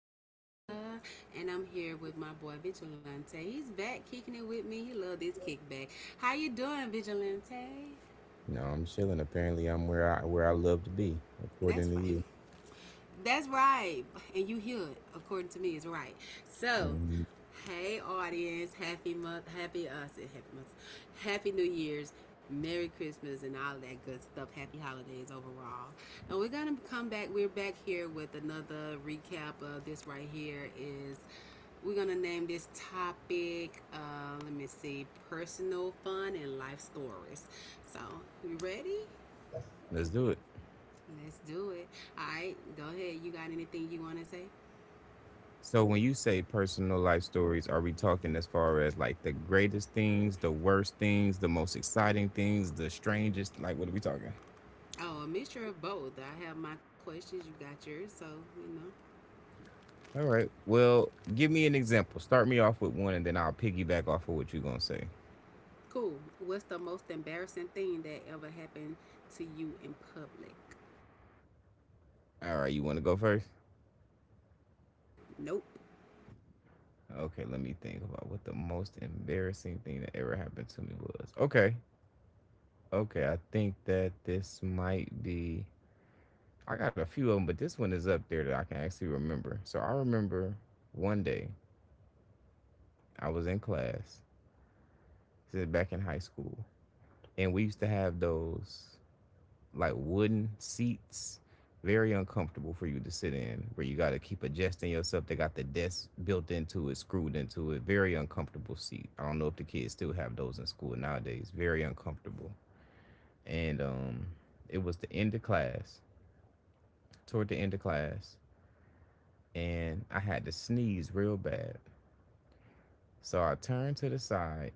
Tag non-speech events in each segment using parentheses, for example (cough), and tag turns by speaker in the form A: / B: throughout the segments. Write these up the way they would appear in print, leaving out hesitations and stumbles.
A: Yama, and I'm here with my boy Vigilante. He's back kicking it with me. He love this kickback. How you doing, Vigilante?
B: No, I'm chilling. Apparently, I'm where I love to be,
A: That's
B: according to
A: right.
B: you.
A: That's right. And you hear it, according to me, is right. So,
B: Mhm.
A: hey audience, happy month, happy us, happy month, happy New Year's, Merry Christmas, and all that good stuff. Happy holidays overall. And we're gonna come back. We're back here with another recap of this right here. Is we're gonna name this topic. Let me see, personal fun and life stories. So, you ready?
B: Let's do it.
A: Let's do it. All right, go ahead. You got anything you want to say?
B: So, when you say personal life stories, are we talking as far as like the greatest things, the worst things, the most exciting things, the strangest? Like, what are we talking?
A: Oh, a mixture of both. I have my questions, you got yours, so you know.
B: All right. Well, give me an example. Start me off with one, and then I'll piggyback off of what you're gonna say.
A: Cool. What's the most embarrassing thing that ever happened to you in public?
B: All right. You want to go first?
A: Nope.
B: Okay. Let me think about what the most embarrassing thing that ever happened to me was. Okay. Okay. I think that this might be. I got a few of them, but this one is up there that I can actually remember. So I remember one day I was in class, this is back in high school, and we used to have those like wooden seats, very uncomfortable for you to sit in, where you got to keep adjusting yourself. They got the desk built into it, screwed into it, very uncomfortable seat. I don't know if the kids still have those in school nowadays, very uncomfortable. And It was the end of class, toward the end of class, and I had to sneeze real bad. So I turn to the side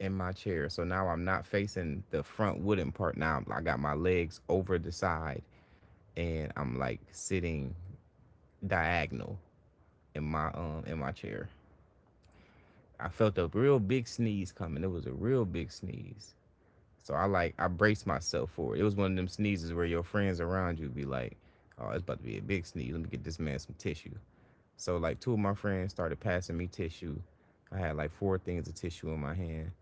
B: in my chair. So now I'm not facing the front wooden part. Now I got my legs over the side and I'm like sitting diagonal in my chair. I felt a real big sneeze coming. It was a real big sneeze. So I like I braced myself for it. It was one of them sneezes where your friends around you be like, "Oh, it's about to be a big sneeze. Let me get this man some tissue." So like two of my friends started passing me tissue. I had like four things of tissue in my hand.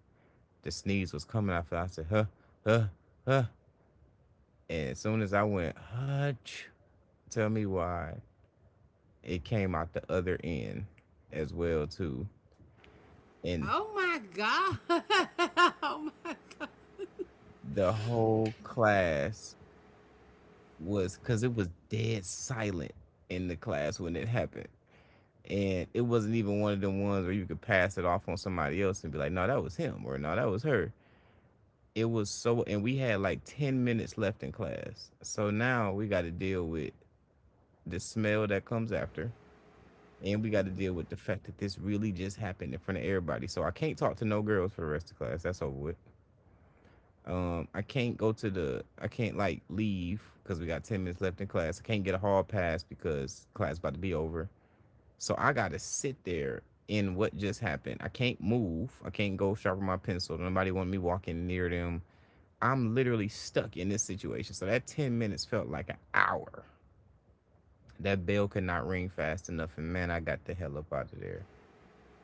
B: The sneeze was coming. I felt I said, huh, huh, huh. And as soon as I went, hutch, tell me why it came out the other end as well too. And
A: Oh my god. (laughs) Oh my god.
B: the whole class was because it was dead silent in the class when it happened. And it wasn't even one of them ones where you could pass it off on somebody else and be like, no, that was him or no, that was her. It was so, and we had like 10 minutes left in class. So now we got to deal with the smell that comes after. And we got to deal with the fact that this really just happened in front of everybody. So I can't talk to no girls for the rest of class. That's over with. I can't go to the. I can't like leave because we got 10 minutes left in class. I can't get a hall pass because class about to be over. So I gotta sit there in what just happened. I can't move. I can't go sharpen my pencil. Nobody want me walking near them. I'm literally stuck in this situation. So that 10 minutes felt like an hour. That bell could not ring fast enough, and man, I got the hell up out of there.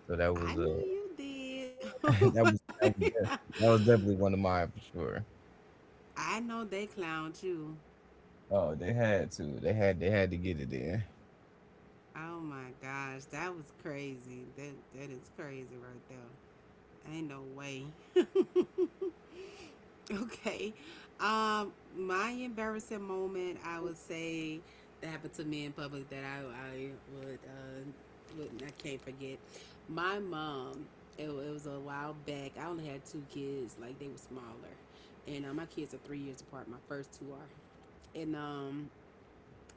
B: So that was
A: I know
B: a.
A: you did. (laughs)
B: (laughs)
A: Oh
B: That
A: my
B: was that was
A: god.
B: def that was definitely one of mine for sure.
A: I know they clowned you.
B: Oh, they had to get it in.
A: Oh my gosh, that was crazy. That is crazy right there. Ain't no way. (laughs) (laughs) Okay. Um, my embarrassing moment, I would say, that happened to me in public that I would I can't forget. My mom, it was a while back. I only had two kids, like they were smaller, and my kids are 3 years apart. My first two are, and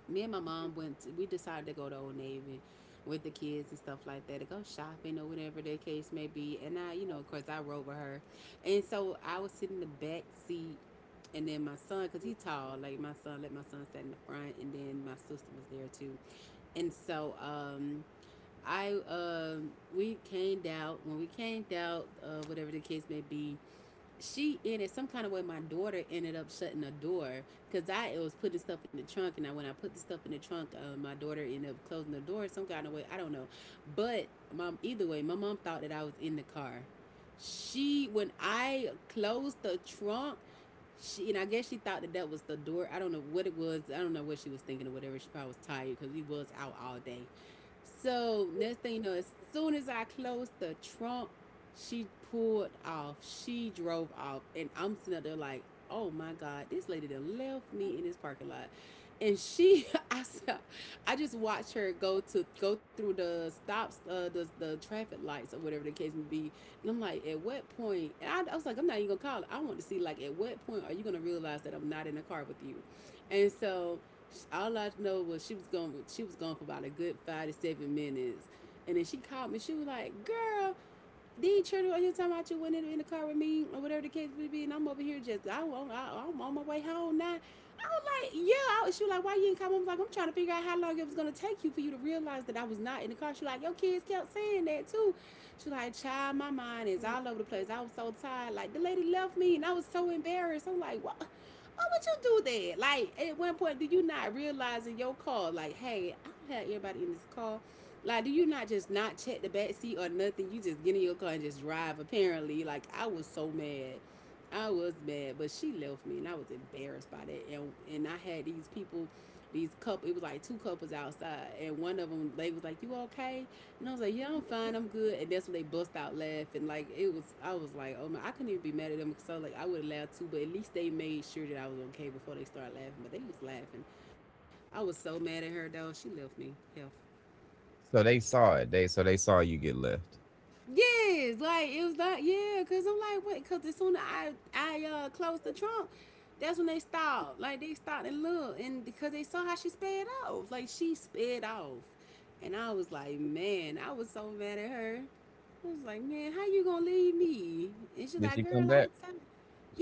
A: me and my mom went to, we decided to go to Old Navy with the kids and stuff like that to go shopping or whatever the case may be, and I of course I rode with her. And so I was sitting in the back seat, and then my son, because he's tall, like my son, let my son sit in the front. And then my sister was there too. And so I we came out. When we came out, whatever the case may be, she ended, some kind of way my daughter ended up shutting the door, because I it was putting stuff in the trunk. And I, when I put the stuff in the trunk, my daughter ended up closing the door some kind of way, I don't know. But mom, either way, my mom thought that I was in the car. She, when I closed the trunk, she, and I guess she thought that that was the door, I don't know what it was, I don't know what she was thinking or whatever. She probably was tired because we was out all day. So next thing you know, as soon as I closed the trunk, she pulled off. She drove off. And I'm sitting up there like, oh my God, this lady done left me in this parking lot. And she, (laughs) I saw, I just watched her go to go through the stops, the traffic lights or whatever the case may be. And I'm like, at what point? And I was like, I'm not even gonna call it. I want to see, like, at what point are you gonna realize that I'm not in a car with you? And so, all I know was she was gone. She was gone for about a good 5 to 7 minutes. And then she called me. She was like, "Girl, these children are here talking about you went in the car with me or whatever the case may be, and I'm over here just I'm on my way home now." I was like, yeah. I was, she was like, why you ain't come? I was like, I'm trying to figure out how long it was gonna take you for you to realize that I was not in the car. She was like, your kids kept saying that too. She was like, child, my mind is all over the place. I was so tired. Like the lady left me, and I was so embarrassed. I'm like, what? Why would you do that? Like at one point, do you not realize in your car, like, hey, I don't have everybody in this car. Like, do you not just not check the back seat or nothing? You just get in your car and just drive. Apparently, like I was so mad, I was mad. But she left me, and I was embarrassed by that. And I had these people, these couple. It was like two couples outside, and one of them they was like, "You okay?" And I was like, "Yeah, I'm fine. I'm good." And that's when they bust out laughing. Like it was, I was like, "Oh man, I couldn't even be mad at them." So like I would have laughed too, but at least they made sure that I was okay before they started laughing. But they was laughing. I was so mad at her though. She left me. Hell.
B: So they saw it, they saw you get left.
A: Yes, like it was like, yeah, cause I'm like what? Cause as soon as I closed the trunk, that's when they stopped. Like they stopped and looked, and because they saw how she sped off, like she sped off, and I was like, man, I was so mad at her. I was like, man, how you gonna leave me? And she's
B: Did
A: like,
B: she
A: girl,
B: come
A: I
B: back?
A: was telling.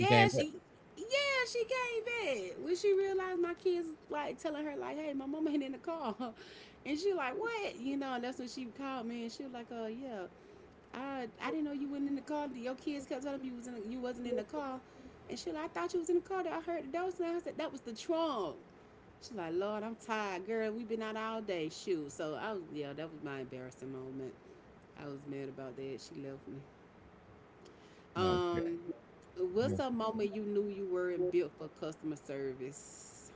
B: She came back?
A: she. Yeah, she came back when she realized my kids like telling her like, "Hey, my mama ain't in the car," (laughs) and she like, "What?" You know, and that's when she called me, and she was like, "Oh yeah, I didn't know you wasn't in the car. Your kids kept telling me you was in the, you wasn't in the car." And she like, I thought you was in the car. That I heard the door sound. I said that was the trunk. She's like, Lord, I'm tired, girl. We've been out all day. Shoot. So I was, yeah, that was my embarrassing moment. I was mad about that. She left me.
B: Okay,
A: Um, what's a
B: okay.
A: moment you knew you weren't built for customer service?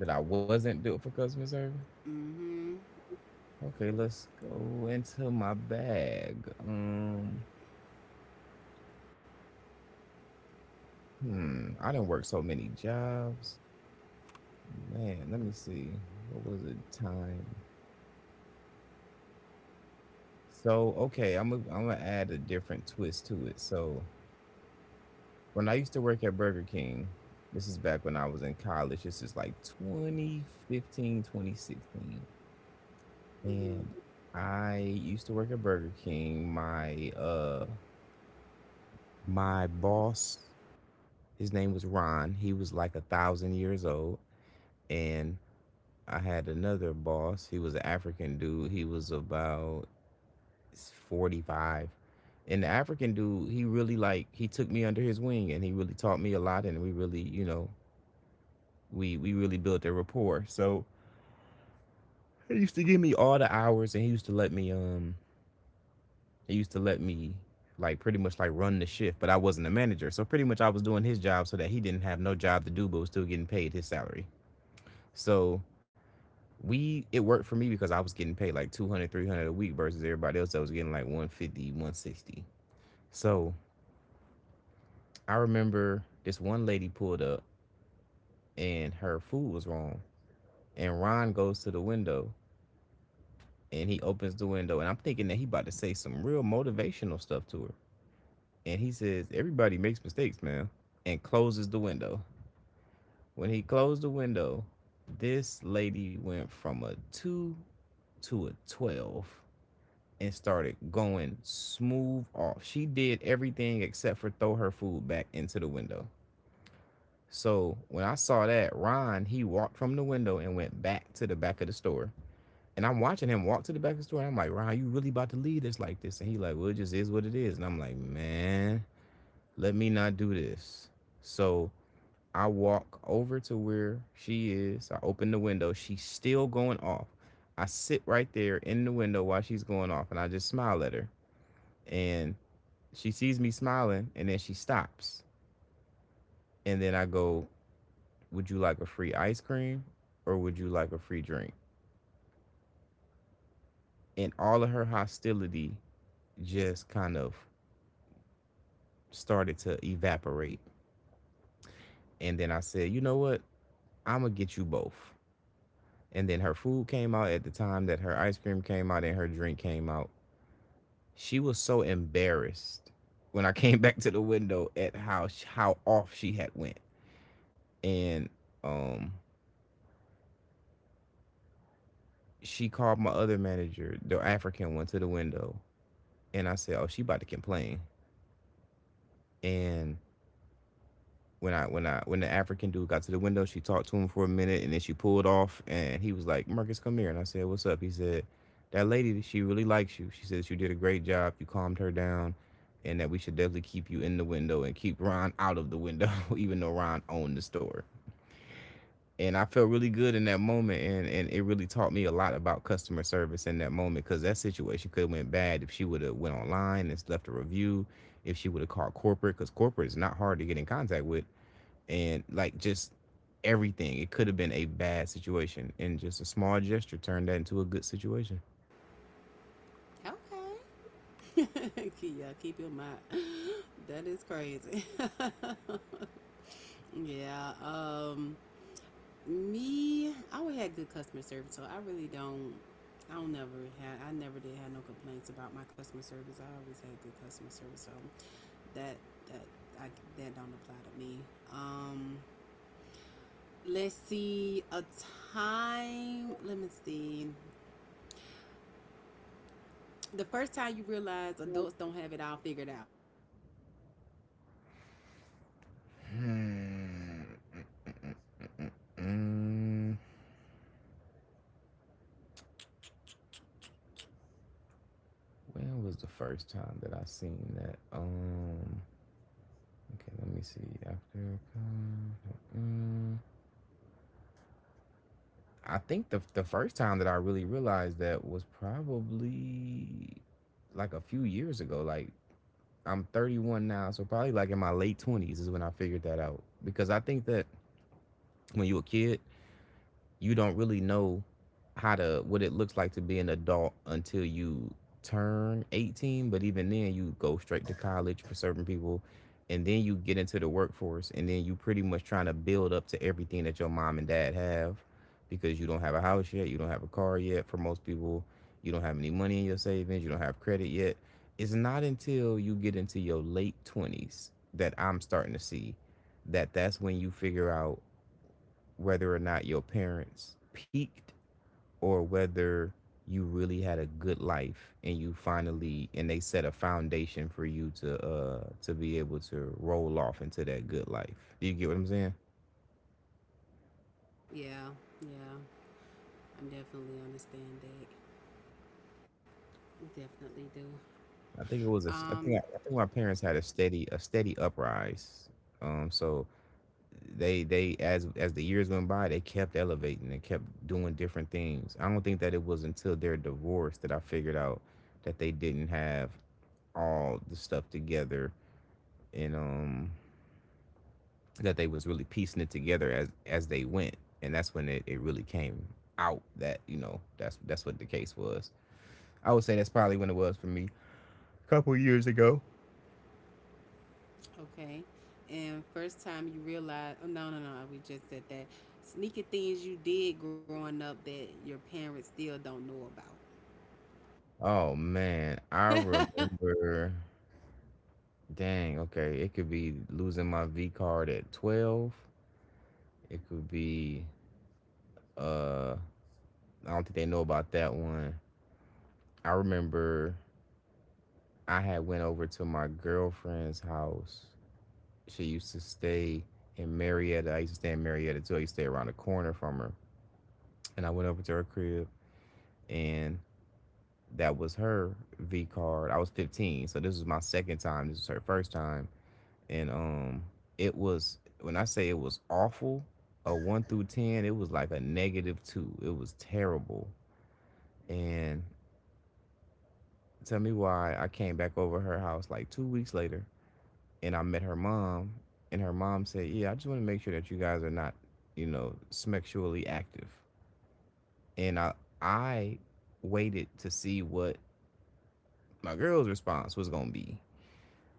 B: That I wasn't built for customer service?
A: Mm-hmm.
B: Okay, let's go into my bag. I done worked so many jobs. Man, let me see. What was it? Time? So, okay, I'm gonna add a different twist to it. So when I used to work at Burger King, this is back when I was in college. This is like 2015, 2016.
A: Mm-hmm.
B: And I used to work at Burger King. My my boss, his name was Ron. He was like a thousand years old. And I had another boss. He was an African dude. He was about 45. And the African dude, he really like he took me under his wing and he really taught me a lot and we really, you know, we really built a rapport. So he used to give me all the hours, and he used to let me he used to let me like pretty much like run the shift, but I wasn't a manager. So pretty much I was doing his job so that he didn't have no job to do, but was still getting paid his salary. So we it worked for me because I was getting paid like 200 300 a week versus everybody else that was getting like one fifty one sixty. So I remember this one lady pulled up and her food was wrong. And Ron goes to the window and he opens the window and I'm thinking that he about to say some real motivational stuff to her. And he says, everybody makes mistakes, man. And closes the window. When he closed the window, this lady went from a 2 to a 12 and started going smooth off. She did everything except for throw her food back into the window. So when I saw that, Ron, he walked from the window and went back to the back of the store. And I'm watching him walk to the back of the store, and I'm like, Ron, you really about to leave us like this? And he like, well, it just is what it is. And I'm like, man, let me not do this. So I walk over to where she is. I open the window. She's still going off. I sit right there in the window while she's going off, and I just smile at her. And she sees me smiling, and then she stops. And then I go, would you like a free ice cream or would you like a free drink? And all of her hostility just kind of started to evaporate. And then I said, you know what? I'm going to get you both. And then her food came out at the time that her ice cream came out and her drink came out. She was so embarrassed when I (laughs) came back to the window at how off she had went. And um she called my other manager, the African one to the window, and I said, "Oh, she about to complain." And when the African dude got to the window, she talked to him for a minute and then she pulled off and he was like, Marcus, come here. And I said, what's up? He said, that lady, she really likes you. She says you did a great job. You calmed her down and that we should definitely keep you in the window and keep Ron (laughs) out of the window, (laughs) even though Ron owned the store. And I felt really good in that moment and, it really taught me a lot about customer service in that moment because that situation could have went bad if she would have went online and left a review, if she would have called corporate, because corporate is not hard to get in contact with and like just everything. It could have been a bad situation, and just a small gesture turned that into a good situation.
A: Okay. (laughs) Yeah, keep your mind. That is crazy. (laughs) Yeah. Me, I always had good customer service, so I really don't. I don't never had. I never did have no complaints about my customer service. I always had good customer service, so that that I, that don't apply to me. Um, let's see a time. Let me see. The first time you realize adults don't have it all figured out.
B: Hmm. Mm, when was the first time that I seen that? Okay, let me see. Mm, I think the first time that I really realized that was probably like a few years ago. Like I'm 31 now, so probably like in my late 20s is when I figured that out because I think that when you're a kid, you don't really know how to what it looks like to be an adult until you turn 18. But even then you go straight to college for certain people, and then you get into the workforce and then you pretty much trying to build up to everything that your mom and dad have because you don't have a house yet, you don't have a car yet for most people, you don't have any money in your savings, you don't have credit yet. It's not until you get into your late 20s that I'm starting to see that that's when you figure out whether or not your parents peaked or whether you really had a good life and you finally and they set a foundation for you to be able to roll off into that good life. Do you get what I'm saying?
A: Yeah, yeah. I definitely understand that. Definitely do.
B: I think it was a
A: Um,
B: I think my parents had a steady uprise. So they as the years went by, they kept elevating and kept doing different things. I don't think that it was until their divorce that I figured out that they didn't have all the stuff together, and that they was really piecing it together as they went. And that's when it really came out that that's what the case was. I would say that's probably when it was for me, a couple years ago.
A: Okay. And first time you realize, oh, no, no, no, we just said that. Sneaky things you did growing up that your parents still don't know
B: Oh man, I
A: about.
B: remember. Dang, okay, it could be losing my v card at 12. It could be uh I don't think they know about that one. I remember I had went over to my girlfriend's house. She used to stay in Marietta. I used to stay in Marietta too. I used to stay around the corner from her. And I went over to her crib, and that was her V card. I was 15. So this was my second time. This was her first time. And it was, when I say it was awful, a one through ten, it was like a negative two. It was terrible. And tell me why I came back over her house like 2 weeks later and I met her mom, and her mom said, "Yeah, I just want to make sure that you guys are not, you know, sexually active." And I waited to see what my girl's response was gonna be,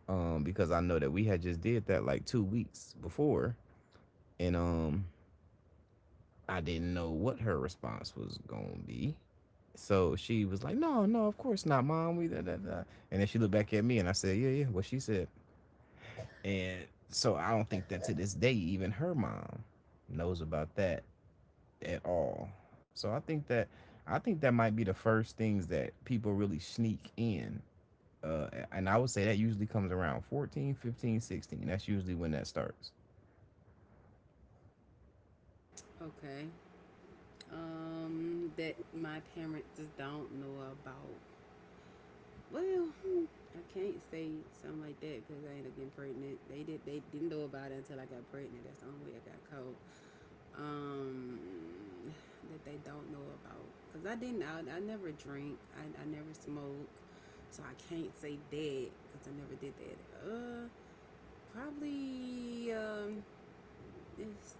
B: because I know that we had just did that like 2 weeks before, and I didn't know what her response was gonna be. So she was like, "No, no, of course not, mom. We da da da." And then she looked back at me, and I said, "Yeah, yeah, what she said." And so I don't think that to this day, even her mom knows about that at all. So I think that might be the first things that people really sneak in. And I would say that usually comes around 14, 15, 16. That's usually when that starts.
A: (laughs) Okay. That my parents just don't know about. Well, I can't say something like that because I ended up getting pregnant. They did. They didn't know about it until I got pregnant. That's the only way I got caught. um, that they don't know about. Because I didn't, I never drink, I never smoke, so I can't say that because I never did that. Uh, probably it's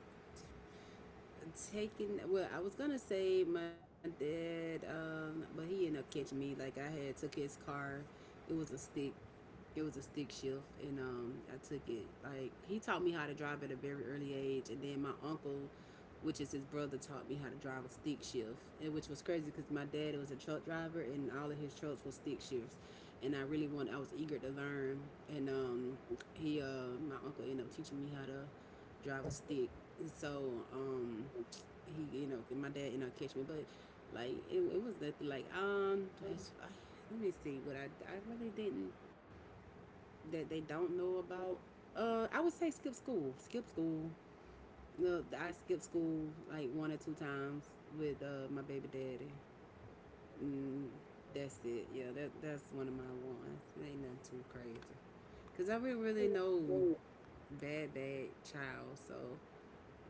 A: taking. Well, I was gonna say my dad, but he ended up catching me. Like I had took his car. It was a stick, shift. And I took it, like he taught me how to drive at a very early age, and then my uncle, which is his brother, taught me how to drive a stick shift. And which was crazy, because my dad was a truck driver and all of his trucks were stick shifts, and I really wanted, I was eager to learn. And he my uncle ended up teaching me how to drive a stick. And so he, you know, my dad ended up catching me, but like it was nothing like it's, I, let me see what I really didn't, that they don't know about. I would say skip school. Skip school. No, I skipped school like one or two times with my baby daddy. Mm, that's it. Yeah, that that's one of my ones. It ain't nothing too crazy. Cause I didn't really know, bad bad child, so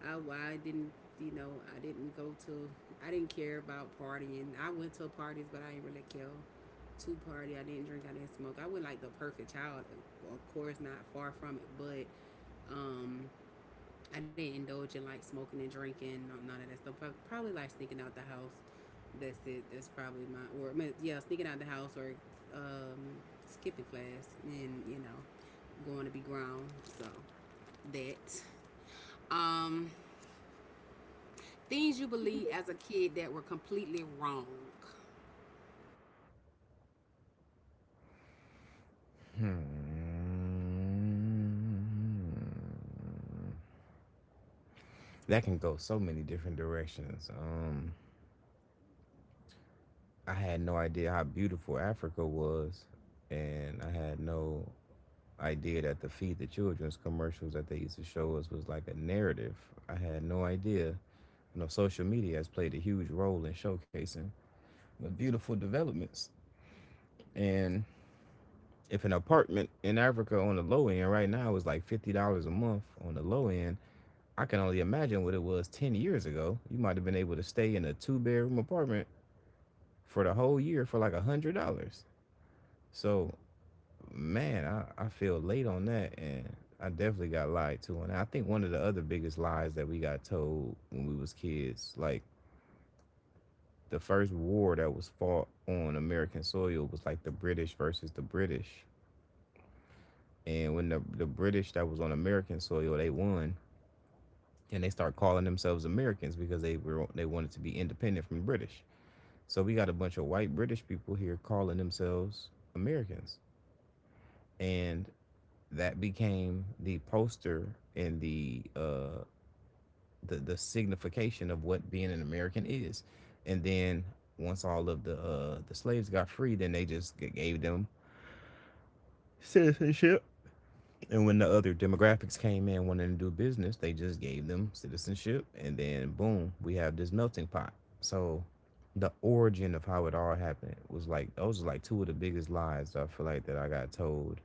A: I I didn't, you know, I didn't go to, I didn't care about partying. I went to parties, but I didn't really care to party. I didn't drink. I didn't smoke. I wasn't like the perfect child, of course, not far from it, but Um, I didn't indulge in like smoking and drinking, none of that stuff. Probably like sneaking out the house. That's it. That's probably my or yeah, sneaking out the house or um, skipping class and you know going to be grown. So that um, things you believed as a kid that were completely wrong.
B: Hmm. That can go so many different directions. I had no idea how beautiful Africa was, and I had no idea that the feed the children's commercials that they used to show us was like a narrative. I had no idea. You know, social media has played a huge role in showcasing the beautiful developments. And if an apartment in Africa on the low end right now is like $50 a month on the low end, I can only imagine what it was 10 years ago. You might have been able to stay in a two-bedroom apartment for the whole year for like $100. So, man, I feel late on that, and I definitely got lied to. And I think one of the other biggest lies that we got told when we was kids, like the first war that was fought on American soil was like the British versus the British. And when the British that was on American soil, they won, and they start calling themselves Americans because they were they wanted to be independent from the British. So we got a bunch of white British people here calling themselves Americans. And that became the poster and the signification of what being an American is. And then once all of the slaves got free, then they just gave them ship. And when the other demographics came in wanting to do business, they just gave them citizenship and then boom, we have this melting pot. So the origin of how it all happened was like those are like two of the biggest lies I feel like that I got told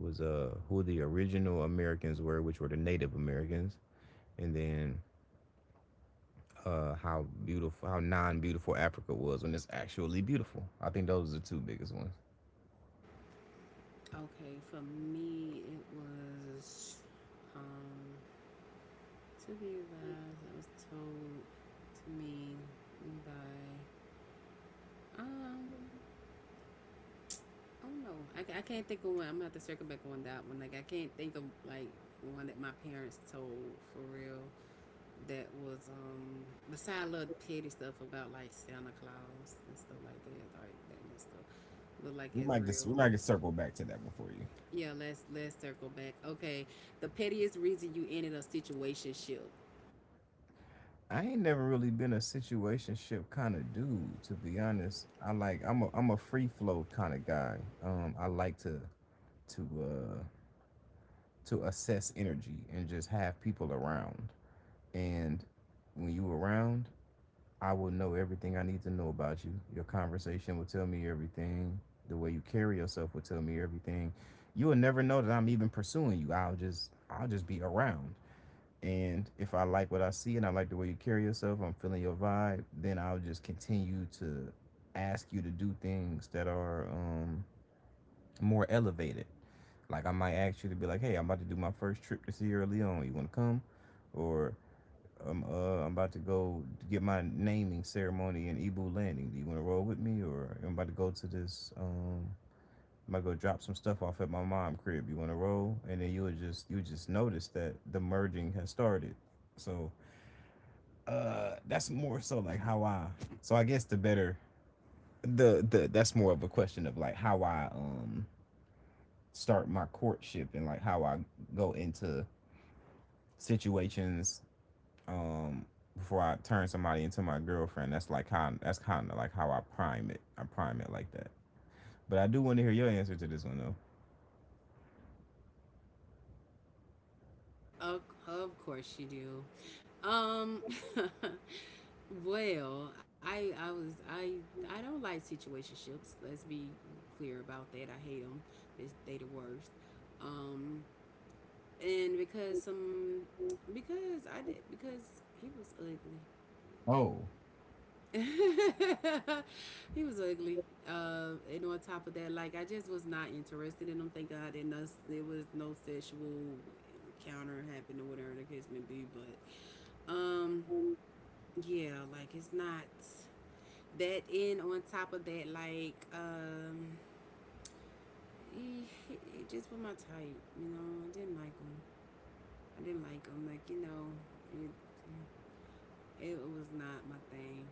B: was who the original Americans were, which were the Native Americans, and then how beautiful, how non-beautiful Africa was when it's actually beautiful. I think those are the two biggest ones.
A: Okay, for me it was um to be advised. I was told to me by um I don't know. I can't think of one. I'm gonna have to circle back on that one. Like I can't think of like one that my parents told for real. That was beside little petty stuff about like Santa Claus and stuff like that little stuff. But like
B: We
A: it's
B: might just
A: real.
B: we might get circle back to that one for you.
A: Yeah, let's circle back. Okay, the pettiest reason you ended a situationship.
B: I ain't never really been a situationship kind of dude, to be honest. I like I'm a free flow kind of guy. I like to to uh to assess energy and just have people around. And when you around, I will know everything I need to know about you. Your conversation will tell me everything. The way you carry yourself will tell me everything. You will never know that I'm even pursuing you. I'll just be around. And if I like what I see and I like the way you carry yourself, I'm feeling your vibe, then I'll just continue to ask you to do things that are more elevated. Like I might ask you to be like, "Hey, I'm about to do my first trip to Sierra Leone. You want to come?" Or I'm about to go get my naming ceremony in Ebu Landing. Do you want to roll with me, or I'm about to go to this? I'm about to go drop some stuff off at my mom crib. You want to roll, and then you would just notice that the merging has started. So that's more so like how I. So I guess the better the that's more of a question of like how I start my courtship and like how I go into situations um before I turn somebody into my girlfriend. That's like how that's kind of like how I prime it. I prime it like that. But I do want to hear your answer to this one though.
A: Of, of course you do. (laughs) Well, I I don't like situationships. Let's be clear about that. I hate them. It's, they the worst. Um, and because some because I did because he was
B: Oh.
A: ugly. (laughs) He was ugly. And on top of that, like I just was not interested in him. Thank God, and us there was no sexual encounter happened or whatever the case may be. But um, yeah, like it's not. That and on top of that, like he, he, just was my type. You know, I didn't like him. I didn't like him. Like you know, it it was not my thing.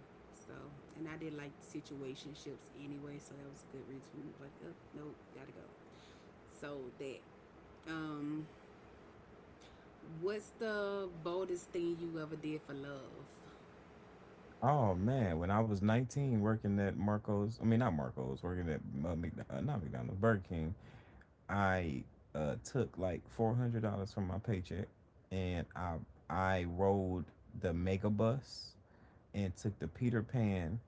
A: So, and I did like situationships anyway, so that was a good reason for me to be like, oh, nope, gotta go. So that. Um, what's the boldest thing you ever did for love?
B: Oh man, when I was 19 working at Marco's, I mean not Marco's, working at McDonald's, not McDonald's, Burger King, I took like $400 from my paycheck and I rode the Mega Bus and took the Peter Pan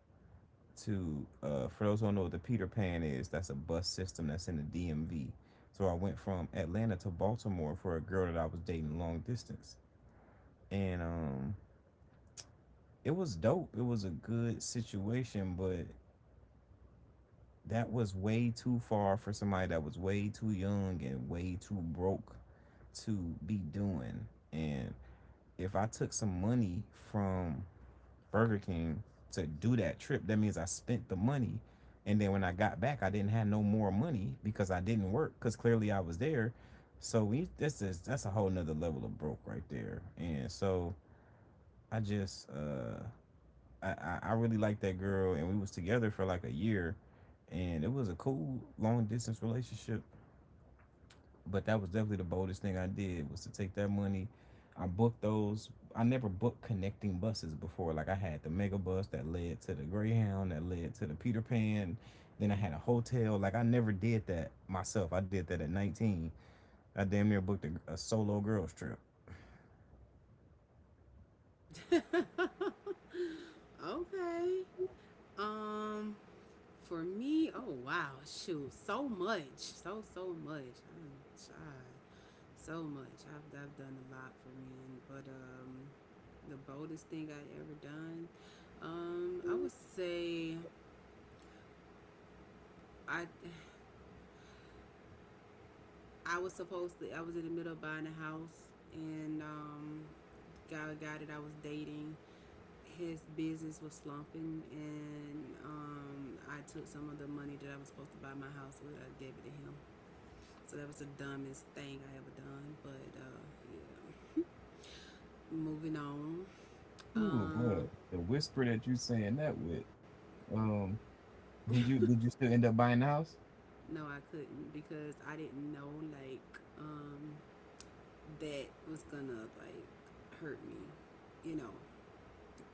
B: to, for those who don't know what the Peter Pan is, that's a bus system that's in the DMV. So I went from Atlanta to Baltimore for a girl that I was dating long distance, and it was dope. It was a good situation, but that was way too far for somebody that was way too young and way too broke to be doing. And if I took some money from Burger King to do that trip. That means I spent the money. And then when I got back, I didn't have no more money because I didn't work because clearly I was there. So we this is that's a whole nother level of broke right there. And so I just really liked that girl and we was together for like a year and it was a cool long distance relationship, but that was definitely the boldest thing I did was to take that money. I booked those. I never booked connecting buses before. Like I had the mega bus that led to the Greyhound, that led to the Peter Pan. Then I had a hotel. Like I never did that myself. I did that at 19. I damn near booked a solo girls trip.
A: (laughs) Okay. Um, for me, oh wow, shoot, so much, so so much. I'm child, so much. I've done a lot for men, but the boldest thing I ever done, I would say I I was supposed to I was in the middle of buying a house, and guy that I was dating, his business was slumping, and I took some of the money that I was supposed to buy my house with, I gave it to him. So that was the dumbest thing I ever done. But yeah, moving on.
B: Ooh boy,
A: Um,
B: the whisper that you saying that with. Um, did you still end up buying the house?
A: No, I couldn't because I didn't know like um, that was gonna like hurt me, you know.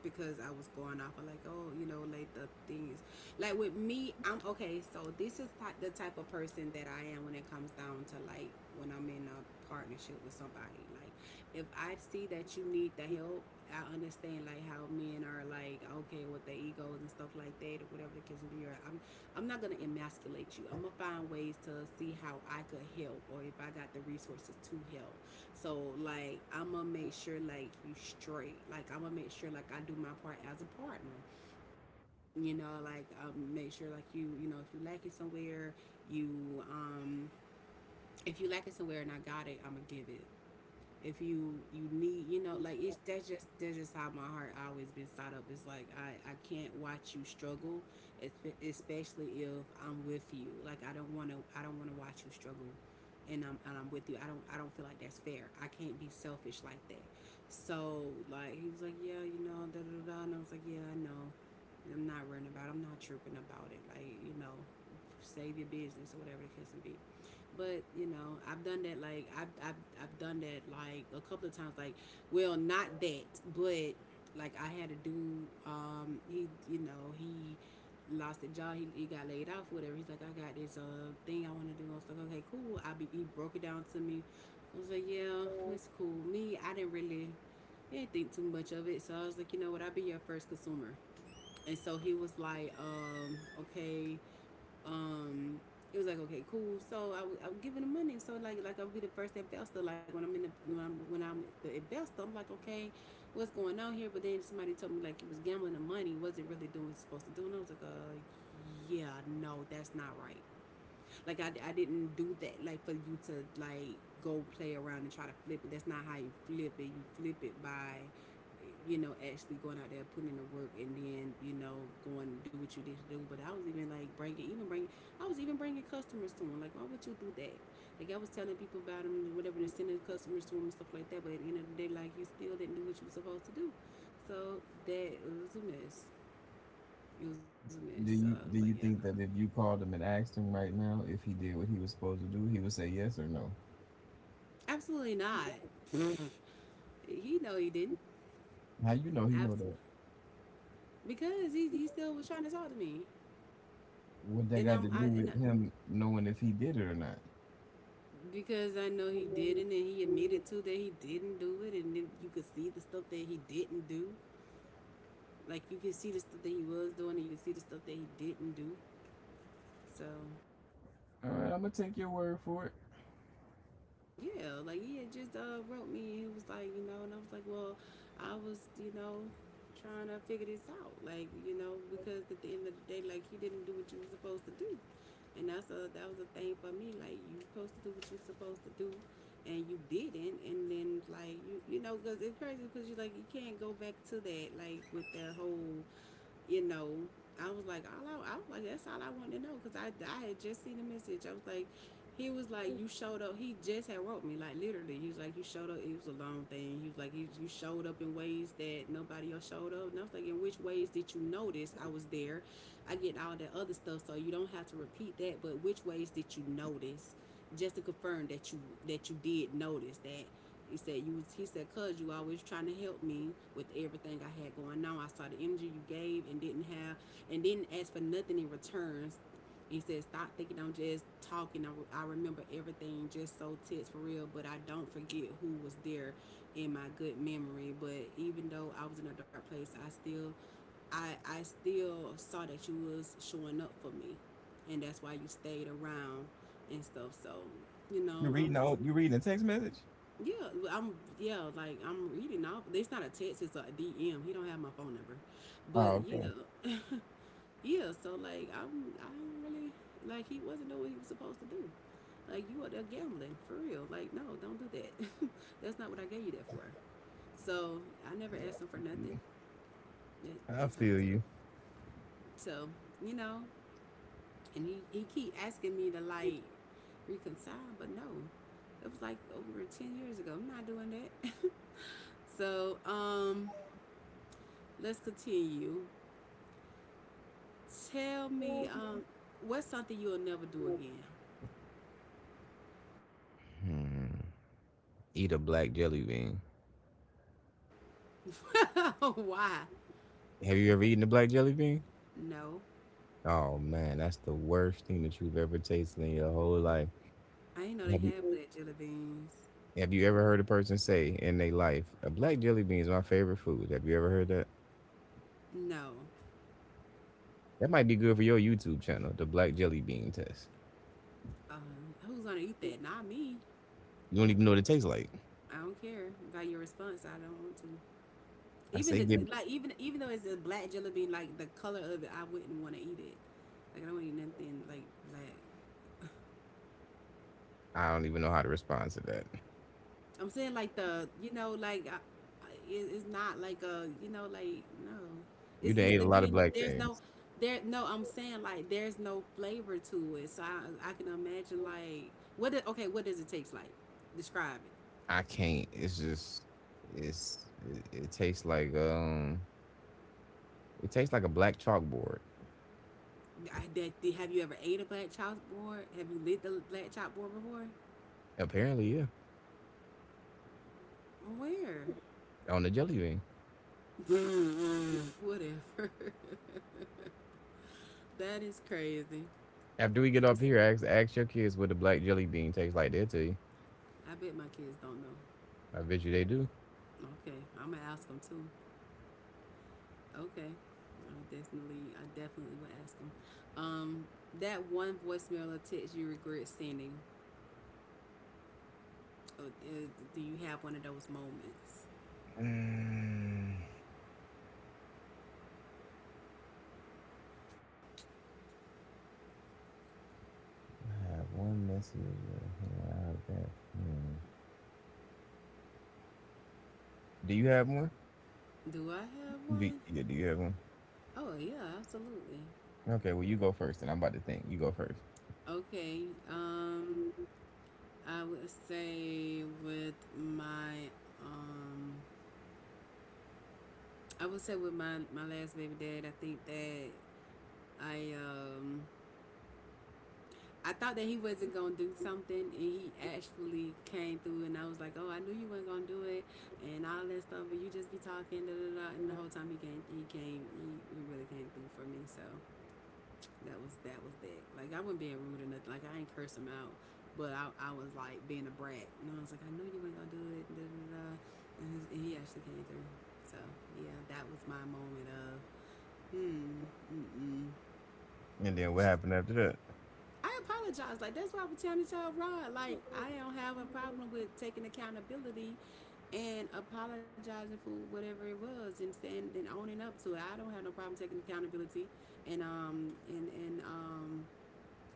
A: Because I was going off of like, oh, you know, like the things. Like with me, I'm okay. So this is like the type of person that I am when it comes down to like when I'm in a partnership with somebody. Like if I see that you need the help, I understand like how men are like okay with their egos and stuff like that or whatever the case may be. I'm not gonna emasculate you. I'm gonna find ways to see how I could help or if I got the resources to help. So like I'm gonna make sure like you straight. Like I'm gonna make sure like I do my part as a partner. You know, like make sure like you know if you lack it somewhere, you um if you lack it somewhere and I got it, I'm gonna give it if you you need you know like it's that's just how my heart always been side up. It's like I can't watch you struggle. Especially if I'm with you, like I don't want to watch you struggle, and I'm with you. I don't feel like that's fair. I can't be selfish like that. So like he was like, yeah, you know, da da da da," and I was like, yeah, I know. I'm not worrying about it. I'm not tripping about it, like you know, save your business or whatever the case may be. But you know, I've done that. Like I've I've done that like a couple of times. Like, well, not that, but like I had a dude. He you know he lost a job. He got laid off, whatever. He's like, I got this thing I want to do. I was like, okay, cool. I be he broke it down to me. I was like, yeah, it's cool. Me, I didn't really didn't think too much of it. So I was like, you know what? I'll be your first consumer. And so he was like, okay, um it was like okay cool. So I was giving the money, so like I'll be the first investor. Like when I'm in the when I'm the investor, I'm like okay, what's going on here. But then somebody told me like he was gambling, the money wasn't really doing what it's supposed to do, and I was like, yeah, no, that's not right. Like I didn't do that. Like for you to like go play around and try to flip it. That's not how you flip it. You flip it by, you know, actually going out there putting in the work and then you know going do what you need to do. But I was even bringing customers to them. Like why would you do that? Like I was telling people about them, and whatever, and sending customers to them and stuff like that. But at the end of the day, like you still didn't do what you were supposed to do. So that it was a mess. It was a mess. So I
B: Do
A: was like,
B: you
A: yeah,
B: think that if you called him and asked him right now if he did what he was supposed to do, he would say yes or no?
A: no. Absolutely not. He know he didn't.
B: How you know he know
A: Absolutely.
B: that?
A: Because he still was trying to talk to me,
B: What that
A: and
B: got
A: I'm
B: to do
A: I and
B: with
A: I,
B: him knowing if he did it or not?
A: because I know he didn't, and he admitted to that he didn't do it, and then you could see the stuff that he didn't do. Like you could see the stuff that he was doing, and you could see the stuff that he didn't do. So
B: All right, I'm gonna take your word for it.
A: yeah, like he had just wrote me. And he was like, you know, and I was like, well, I was, you know, trying to figure this out, like, you know, because at the end of the day, like, you didn't do what you were supposed to do, and that was a thing for me. Like, you supposed to do what you're supposed to do, and you didn't, and then like you know, because it's crazy because you like you can't go back to that, like with the whole, you know. I was like, I was like, that's all I wanted to know because I had just seen the message. I was like, he was like, you showed up. He just had wrote me, like literally. He was like, you showed up. It was a long thing. He was like, you showed up in ways that nobody else showed up. And I was like, in which ways did you notice I was there? I get all that other stuff, so you don't have to repeat that. But which ways did you notice? Just to confirm that you did notice that. He said you. He said, "Cause you always trying to help me with everything I had going on. I saw the energy you gave and didn't have, and didn't ask for nothing in returns. He said, "Stop thinking I'm just talking. I remember everything just so tense for real, but I don't forget who was there in my good memory. But even though I was in a dark place, I still, I still saw that you was showing up for me, and that's why you stayed around and stuff. So, you
B: You
A: know, I was
B: reading
A: just."
B: out? You reading a text message?
A: Yeah, well, I'm yeah, like I'm reading off. It's not a text, it's a DM. He don't have my phone number, but
B: Oh, okay.
A: yeah, (laughs) yeah, so like I'm I don't really like he wasn't doing what he was supposed to do. Like you are there gambling for real. Like no, don't do that. (laughs) That's not what I gave you that for. So I never asked him for
B: Yeah,
A: nothing.
B: I
A: That type
B: feel
A: of
B: you.
A: stuff. So you know, and he keep asking me to like reconcile, but no, it was like over 10 years ago. I'm not doing that. (laughs) So let's continue. Tell me what's something you'll never do again.
B: Hmm. Eat a black jelly bean.
A: (laughs) Why?
B: Have you ever eaten a black jelly bean?
A: No,
B: Oh man, that's the worst thing that you've ever tasted in your whole life.
A: I ain't know they
B: Have
A: had
B: you
A: black jelly beans.
B: have you ever heard a person say in their life, a black jelly bean is my favorite food? Have you ever heard that?
A: No,
B: That might be good for your YouTube channel, the black jelly bean test.
A: um, who's gonna eat that? Not me.
B: You don't even know what it tastes like.
A: I don't care by your response. I don't want to.
B: I
A: Even
B: say
A: the
B: give.
A: like, even even though it's a black jelly bean, like the color of it, I wouldn't want to eat it. Like I don't want to eat nothing like black.
B: I don't even know how to respond to that.
A: I'm saying like the you know like it- it's not like a you know like no,
B: You done
A: it's
B: ate
A: the
B: a lot of
A: meaning. That
B: black
A: there's
B: things.
A: no. I'm saying like there's no flavor to it. So I can imagine like okay what does it taste like? Describe
B: I can't. It's just. It's. It tastes like. It tastes like a black chalkboard.
A: it. That did- have you ever ate a black chalkboard? Have you lit the black chalkboard before?
B: Apparently, yeah.
A: Where?
B: On the jelly bean.
A: (laughs) Whatever. (laughs) That is crazy.
B: After we get off here, ask your kids what the black jelly bean tastes like. They'll tell you.
A: I bet my kids don't know.
B: I bet you they do.
A: Okay, I'm gonna ask them too. Okay. I definitely would ask them. Um, that one voicemail or text you regret sending. uh, uh, Do you have one of those moments?
B: Mm, I have one message out there. Hmm. Do you have one?
A: Do I have
B: Do,
A: one?
B: yeah. Do you have one?
A: Oh yeah, absolutely.
B: Okay. Well, you go first, and I'm about to think. You go first,
A: Okay. Um, I would say with um, I would say with my last baby dad. I think that I um I thought that he wasn't gonna do something, and he actually came through, and I was like, "Oh, I knew you weren't gonna do it," and all that stuff. But you just be talking, da da da. And the whole time he really came through for me. So that was that. Like I wasn't being rude or nothing. Like I ain't curse him out, but I was like being a brat, and I was like, "I knew you weren't gonna do it," da da da. And he actually came through. So yeah, that was my moment of hmm, mm mm.
B: and then what happened after that?
A: I apologize. Like that's why I was telling y'all, Rod. Like I don't have a problem with taking accountability and apologizing for whatever it was and saying and owning up to it. I don't have no problem taking accountability and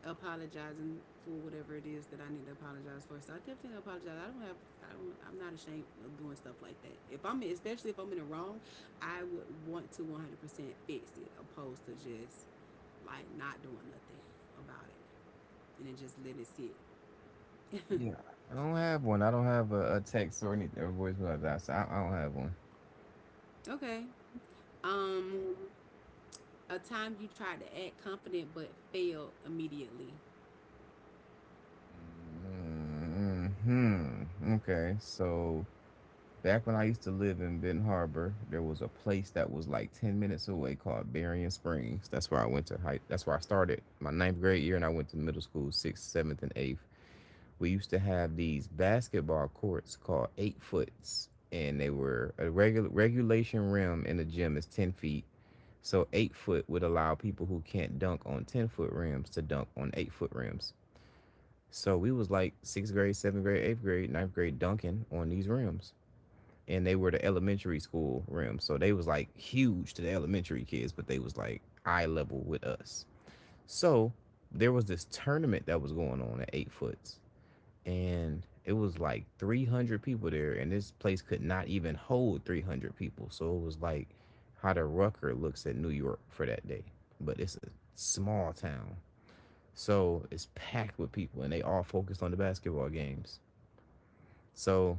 A: apologizing for whatever it is that I need to apologize for. So I definitely apologize. I don't have I don't, I'm not ashamed of doing stuff like that. If I'm especially if I'm in the wrong, I would want to 100% fix it opposed to just like not doing nothing about it and then just let it sit.
B: Yeah, I don't have one. I don't have a text or any or voicemail. App, so I don't have one.
A: Okay. Um, a time you tried to act confident but failed immediately.
B: Hmm. Okay. So back when I used to live in Benton Harbor, there was a place that was like 10 minutes away called Berrien Springs. That's where I went to high. That's where I started my ninth grade year, and I went to middle school sixth, seventh, and eighth. We used to have these basketball courts called 8 foots, and they were a regular regulation rim in the gym is 10 feet. So 8 foot would allow people who can't dunk on 10 foot rims to dunk on 8 foot rims. So we was like sixth grade, seventh grade, eighth grade, ninth grade dunking on these rims. And they were the elementary school rims. So they was like huge to the elementary kids, but they was like eye level with us. So there was this tournament that was going on at 8 foots, and it was like 300 people there, and this place could not even hold 300 people. So it was like how the Rucker looks at New York for that day, but it's a small town, so it's packed with people and they all focused on the basketball games. So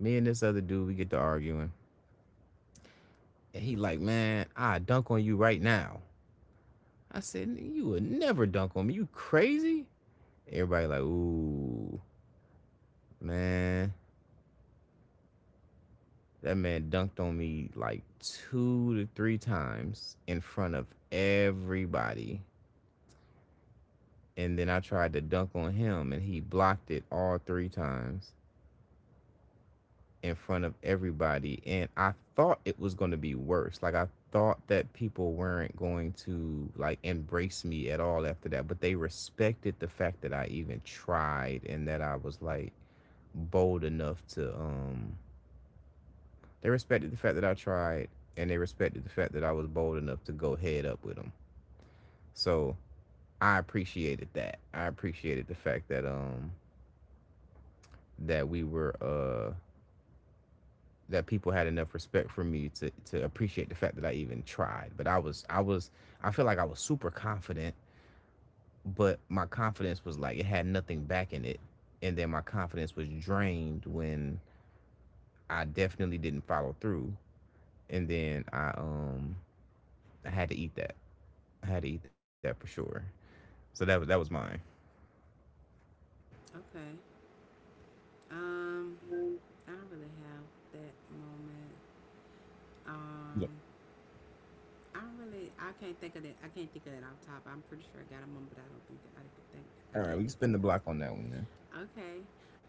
B: me and this other dude, we get to arguing, and he like, "Man, I dunk on you right now." I said, "You would never dunk on me, you crazy." Everybody like, "Ooh, man." That man dunked on me like two to three times in front of everybody. And then I tried to dunk on him and he blocked it all three times in front of everybody. And I thought it was going to be worse. Like, I thought that people weren't going to like embrace me at all after that, but they respected the fact that I even tried and that I was like bold enough to, they respected the fact that I tried, and they respected the fact that I was bold enough to go head up with them. So I appreciated that. I appreciated the fact that that we were that people had enough respect for me to appreciate the fact that I even tried. But I feel like I was super confident, but my confidence was like it had nothing back in it. And then my confidence was drained when I definitely didn't follow through. And then I had to eat that. I had to eat that for sure. So that was mine.
A: Okay. Um, I don't really have that moment.
B: Yeah.
A: Um, I don't really. I can't think of that. I can't think of it off top. I'm pretty sure I got a moment, but I don't think that I could think. I
B: All right, we
A: can't
B: can
A: think
B: spin
A: of
B: the block on that one then.
A: it off top. Okay.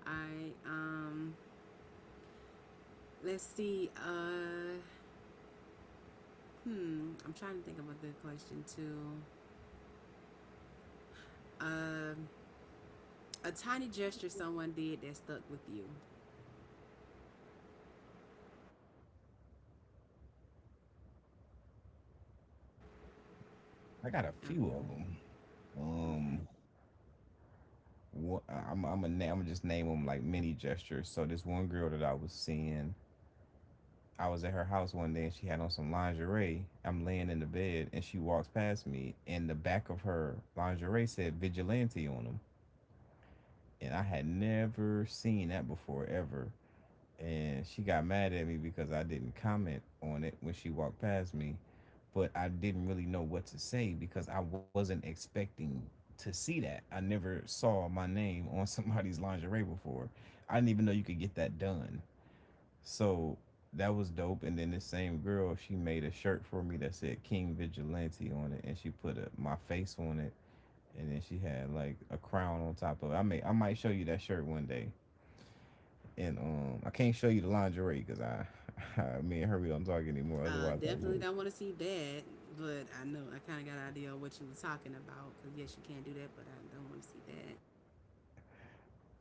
A: I. Let's see. Hmm. I'm trying to think. A tiny gesture someone did that stuck with you.
B: I got a few
A: Oh,
B: of them.
A: okay.
B: Um, I'm gonna I'm just name them like mini gestures. So this one girl that I was seeing, I was at her house one day and she had on some lingerie. I'm laying in the bed and she walks past me and the back of her lingerie said Vigilante on them, and I had never seen that before ever. And she got mad at me because I didn't comment on it when she walked past me, but I didn't really know what to say because I wasn't expecting to see that. I never saw my name on (laughs) somebody's lingerie before. I didn't even know you could get that done. So that was dope. And then this same girl, she made a shirt for me that said King Vigilante on it, and she put a, my face on it, and then she had like a crown on top of it. I might show you that shirt one day. And I can't show you the lingerie because I, (laughs) I, me and her, we don't talk anymore. Otherwise, I
A: Definitely,
B: would.
A: I want to see that, but I know I kind of got an idea of what you were talking about. Cause yes, you can do that, but I don't want to see that.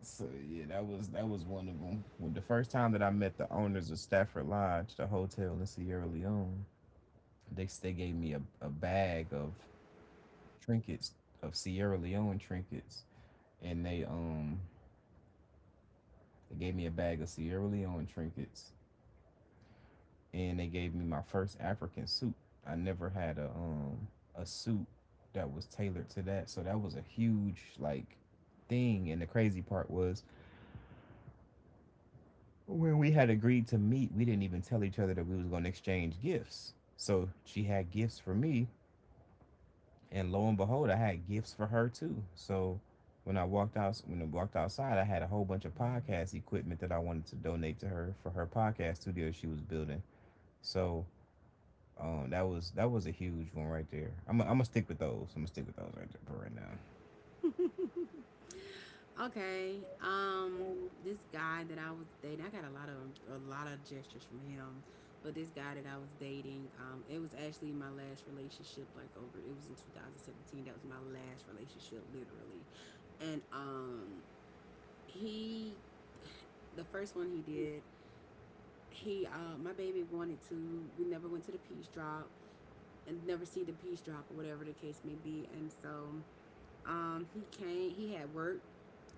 B: So yeah, that was one of them. When the first time that I met the owners of Stafford Lodge, the hotel in Sierra Leone, they gave me a bag of trinkets, of Sierra Leone trinkets, and they gave me a bag of Sierra Leone trinkets and they gave me my first African suit. I never had a suit that was tailored to that. So that was a huge like thing. And the crazy part was when we had agreed to meet, we didn't even tell each other that we was gonna exchange gifts. So she had gifts for me, and lo and behold, I had gifts for her too. So when I walked outside, I had a whole bunch of podcast equipment that I wanted to donate to her for her podcast studio she was building. So that was a huge one right there. I'm I am I gonna stick with those. I'm gonna stick with those right there for right now.
A: Okay, this guy that I was dating, I got a lot of gestures from him, but this guy that I was dating, it was actually my last relationship. Like over, it was in 2017. That was my last relationship, literally, and he, the first one he did, my baby wanted to. We never went to the peace drop and never see the piece drop or whatever the case may be. And so he came, he had work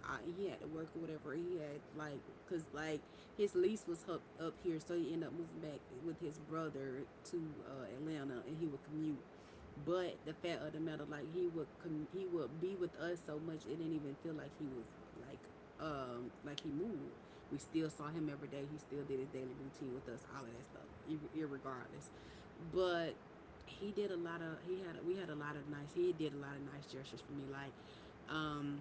A: I, he had to work or whatever he had like because like his lease was up here, so he ended up moving back with his brother to Atlanta, and he would commute. But the fact of the matter, like he would he would be with us so much it didn't even feel like he was like like he moved. We still saw him every day. He still did his daily routine with us, all of that stuff, irregardless. But he did a lot of he had we had a lot of nice he did a lot of nice gestures for me, like um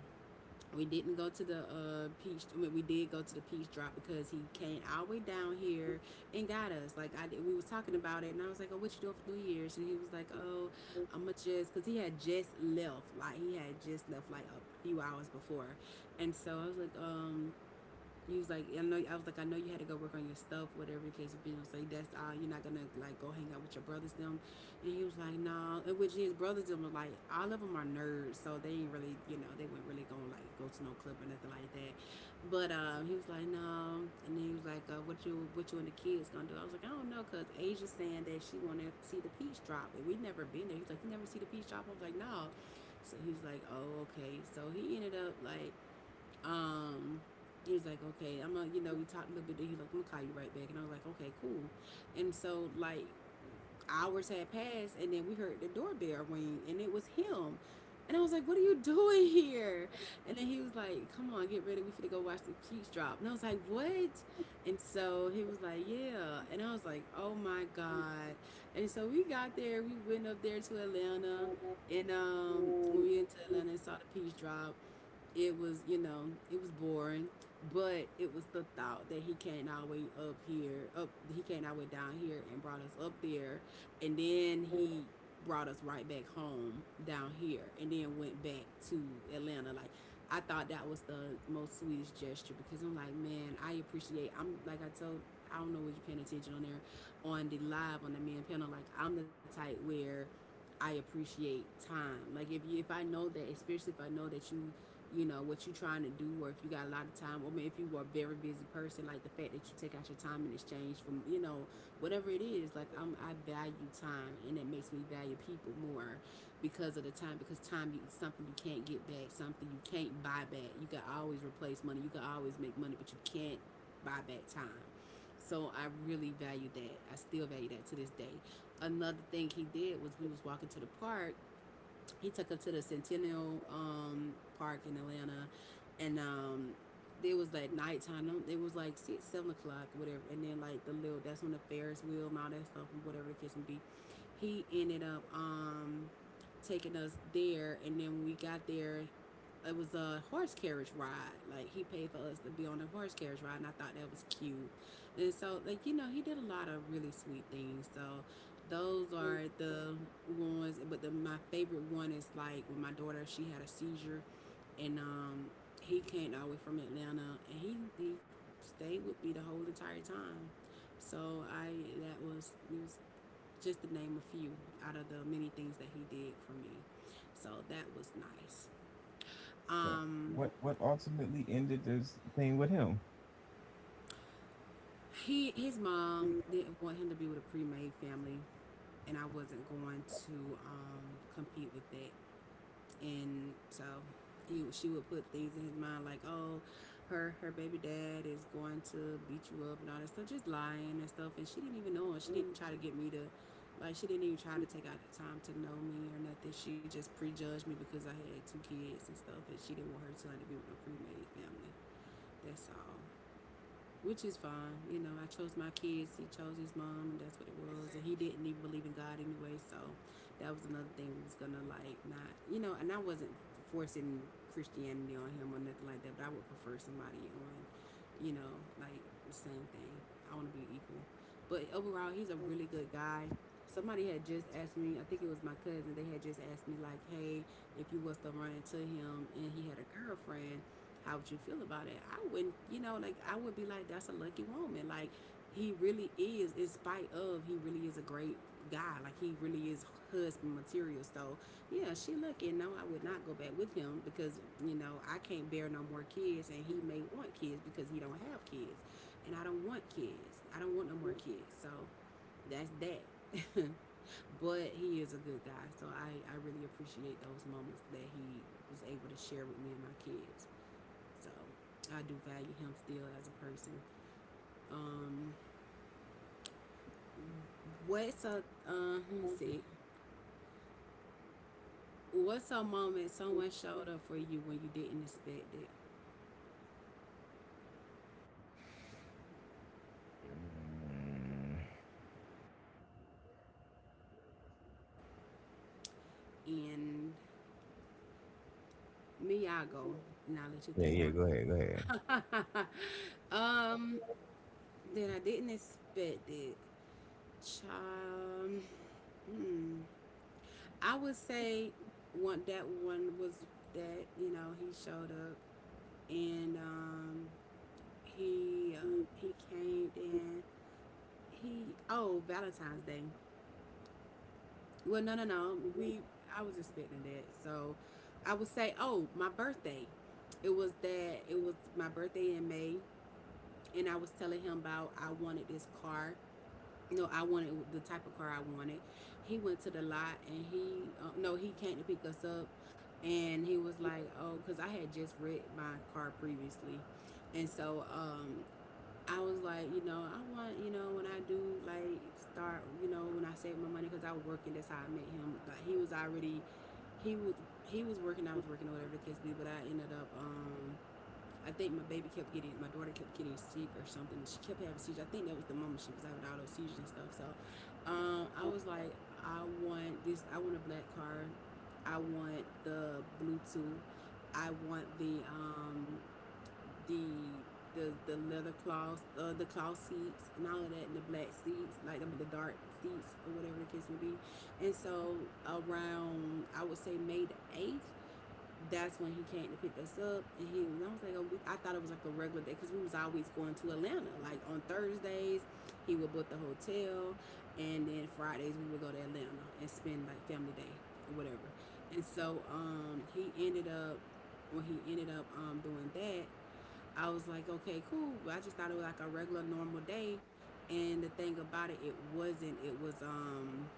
A: we didn't go to the peach. I mean, we did go to the peach drop because he came all the way down here and got us. Like we was talking about it, and I was like, "Oh, what you doing for New Year's?" And he was like, "Oh, I'm gonna just," cause he had just left. Like he had just left like a few hours before, and so I was like, he was like, I know. I was like, I know you had to go work on your stuff, whatever the case would be. I was like, that's all. You're not gonna like go hang out with your brothers them. And he was like, no. And which his brothers them were like, all of them are nerds, so they ain't really, you know, they weren't really gonna like go to no club or nothing like that. But he was like, no. And then he was like, what you and the kids gonna do? I was like, I don't know, cause Asia's saying that she wanna see the peach drop, and we never been there. He's like, you never see the peach drop? I was like, no. So he was like, oh, okay. So he ended up like um, he was like, okay, I'm gonna, you know, we talked a little bit. Then he was like, I'm gonna call you right back, and I was like, okay, cool. And so like hours had passed, and then we heard the doorbell ring, and it was him. And I was like, "What are you (laughs) doing here?" And then he was like, "Come on, get ready. We finna go watch the Chiefs drop." And I was like, "What?" And so he was like, "Yeah." And I was like, "Oh my god!" And so we got there. We went up there to Atlanta, and when we went to Atlanta and saw the peace drop, it was, you know, it was boring, but it was the thought that he came all the way down here and brought us up there, and then he brought us right back home down here, and then went back to Atlanta. Like I thought that was the most sweetest gesture, because I'm like, man, I appreciate. I'm like, I told, I don't know what you're paying attention on there, on the live, on the man panel. Like I'm the type where I appreciate time. Like if you, if I know that, especially if I know that you know what you're trying to do, or if you got a lot of time, or I mean, if you are a very busy person, like the fact that you take out your time in exchange from, you know, whatever it is, like I value time, and it makes me value people more because of the time, because time is something you can't get back, something you can't buy back. You can always replace money, you can always make money, but you can't buy back time. So I really value that. I still value that to this day. Another thing he did was we was walking to the park, he took her to the Centennial Park in Atlanta, and it was like nighttime. It was like six, 7 o'clock, whatever. And then like the little, that's when the Ferris wheel and all that stuff and whatever the case may be. He ended up taking us there, and then when we got there, it was a horse carriage ride. Like he paid for us to be on a horse carriage ride, and I thought that was cute. And so, like, you know, he did a lot of really sweet things. So those are the ones. But my favorite one is like when my daughter, she had a seizure, and he came all the way from Atlanta, and he stayed with me the whole entire time. So I that was it was just to name a few out of the many things that he did for me. So that was nice.
B: So
A: Um,
B: what ultimately ended this thing with him?
A: He, his mom didn't want him to be with a pre-made family, and I wasn't going to compete with that. And so he she would put things in his mind, like, oh, her baby dad is going to beat you up and all that stuff, just lying and stuff. And she didn't even know him. She didn't try to get me to. Like she didn't even try to take out the time to know me or nothing. She just prejudged me because I had 2 kids and stuff, and she didn't want her son to be with a pre-made family. That's all, which is fine. You know, I chose my kids. He chose his mom, and that's what it was. And he didn't even believe in God anyway, so that was another thing that was gonna like not, you know. And I wasn't forcing Christianity on him or nothing like that, but I would prefer somebody on, you know, like the same thing. I want to be equal. But overall, he's a really good guy. Somebody had just asked me, I think it was my cousin, they had just asked me, like, hey, if you was to run into him and he had a girlfriend, how would you feel about it? I wouldn't, like I would be like, that's a lucky woman. Like he really is, in spite of he really is a great guy. Like he really is husband material. So yeah, she lucky. No, I would not go back with him because you know I can't bear no more kids, and he may want kids because he don't have kids, and I don't want kids. I don't want no more kids. So that's that. (laughs) But he is a good guy, so I really appreciate those moments that he was able to share with me and my kids. So I do value him still as a person. Um, what's a Let's see, what's a moment someone showed up for you when you didn't expect it?
B: Mm,
A: And me, I go. Now let you
B: yeah,
A: think
B: yeah. Go ahead, go ahead.
A: on it. (laughs) um, that I didn't expect it. Child, hmm. I would say one, that one was that you know he showed up, and he uh, he came in. He Oh, Valentine's Day. Well, no, no, no. We I was expecting that, so I would say, oh, my birthday. It was that it was my birthday in May, and I was telling him about I wanted this car. No, I wanted the type of car I wanted. He went to the lot, and he no, he came to pick us up, and he was like, oh, because I had just read my car previously. And so I was like, I want, when I do like start, when I save my money because I was working. That's how I met him. Like he was already, he was he was working. I was working, or whatever the case be. But I ended up, I think my baby kept getting, my daughter kept getting sick or something. She kept having seizures. I think that was the moment she was having all those seizures and stuff. So, I was like, I want this. I want a black car. I want the Bluetooth. I want the the leather cloth, the cloth seats, and all of that, and the black seats, like, I mean, the dark seats or whatever the case may be. And so, around, I would say May the eighth, that's when he came to pick us up, and I was like, oh, I thought it was like a regular day because we was always going to Atlanta, like on Thursdays. He would book the hotel, and then Fridays we would go to Atlanta and spend like family day or whatever. And so he ended up when he ended up, doing that, I was like, okay, cool. I just thought it was like a regular normal day. And the thing about it, it wasn't.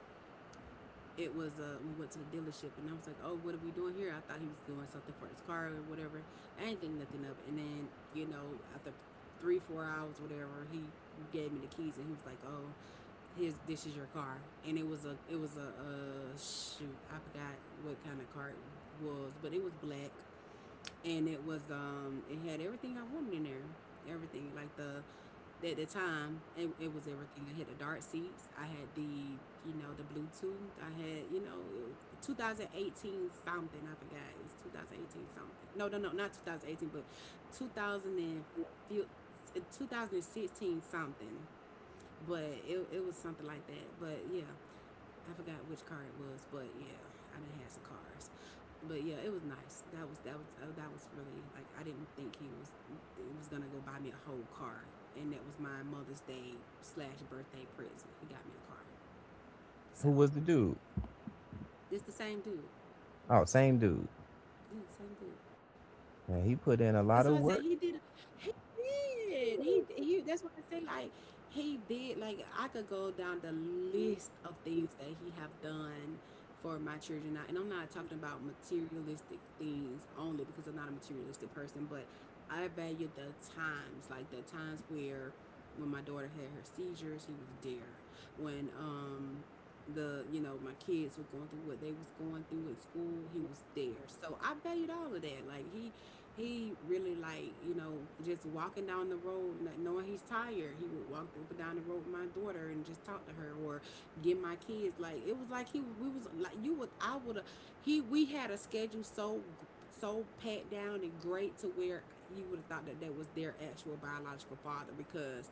A: It was We went to the dealership, and I was like, oh, what are we doing here? I thought he was doing something for his car or whatever. I didn't think nothing of it. And then, you know, after three, 4 hours, or whatever, he gave me the keys, and he was like, oh, here's this is your car. And it was a shoot, I forgot what kind of car it was, but it was black, and it was it had everything I wanted in there. Everything, like, the at the time, it was everything. I had the dark seats, I had, the you know, the Bluetooth, I had, you know, it was 2018 something. I forgot, it was 2018 something. No, no, no, not 2018, but 2000 and 2016, something. But it was something like that. But yeah, I forgot which car it was, but yeah, I didn't have some cars. But yeah, it was nice. That was, that was that was really like, I didn't think he was, it was gonna go buy me a whole car, and that was my Mother's Day slash birthday present. He got me a car. So
B: Who was the
A: yeah,
B: dude?
A: it's the same dude.
B: Oh, same dude.
A: Yeah, same dude.
B: Man, he put in a
A: That's why I
B: lot of
A: said he
B: work.
A: did. He did. He he. That's what I say, like, he did. Like, I could go down the list of things that he have done for my children, I- and I'm not talking about materialistic things only because I'm not a materialistic person, but I value the times, like the times where, when my daughter had her seizures, he was there. When the, you know, my kids were going through what they was going through in school, he was there. So I valued all of that. Like, he really, like, you know, just walking down the road, not knowing he's tired, he would walk up and down the road with my daughter and just talk to her or get my kids. Like, it was like he, we was like, you would, I would have, he, we had a schedule, so so pat down and great to where you would have thought that that was their actual biological father because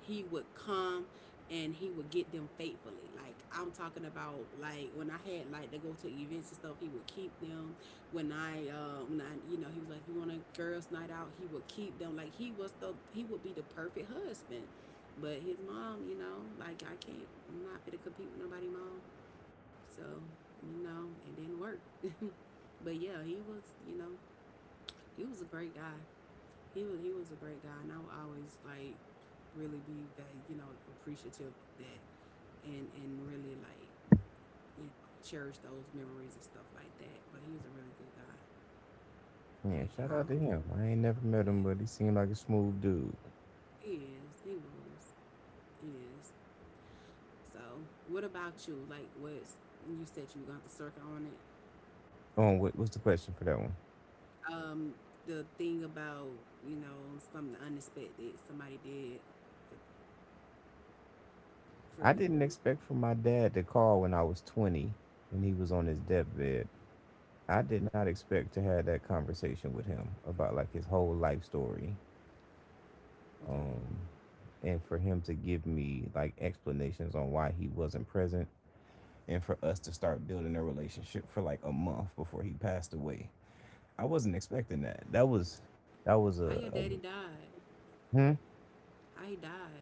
A: he would come and he would get them faithfully. Like, I'm talking about like when I had like to go to events and stuff, he would keep them. When I when I, you know, he was like, you want a girls' night out, he would keep them. Like, he was the, he would be the perfect husband. But his mom, you know, like, I can't, I'm not fit to compete with nobody mom. So, you know, it didn't work. (laughs) But yeah, he was, you know, he was a great guy. He was, he was a great guy, and I will always like really be that, you know, appreciative of that, and really, like, you know, cherish those memories and stuff like that. But he was a really good guy.
B: Yeah,
A: Like,
B: shout
A: how?
B: out to him. I ain't never met him, but he
A: Yeah,
B: seemed like a smooth dude.
A: he is. He was. He is. So, what about you? Like, what's, you said you were gonna have to circle on it?
B: Oh, what, what's the question for that one?
A: Um, the thing about, you know, something unexpected somebody did for
B: I
A: you.
B: didn't expect for my dad to call when I was 20, when he was on his deathbed. I did not expect to have that conversation with him about like his whole life story.
A: Okay,
B: Um and for him to give me like explanations on why he wasn't present and for us to start building a relationship for like a month before he passed away. I wasn't expecting that. That was
A: how your
B: a
A: daddy died?
B: hmm?
A: How he died?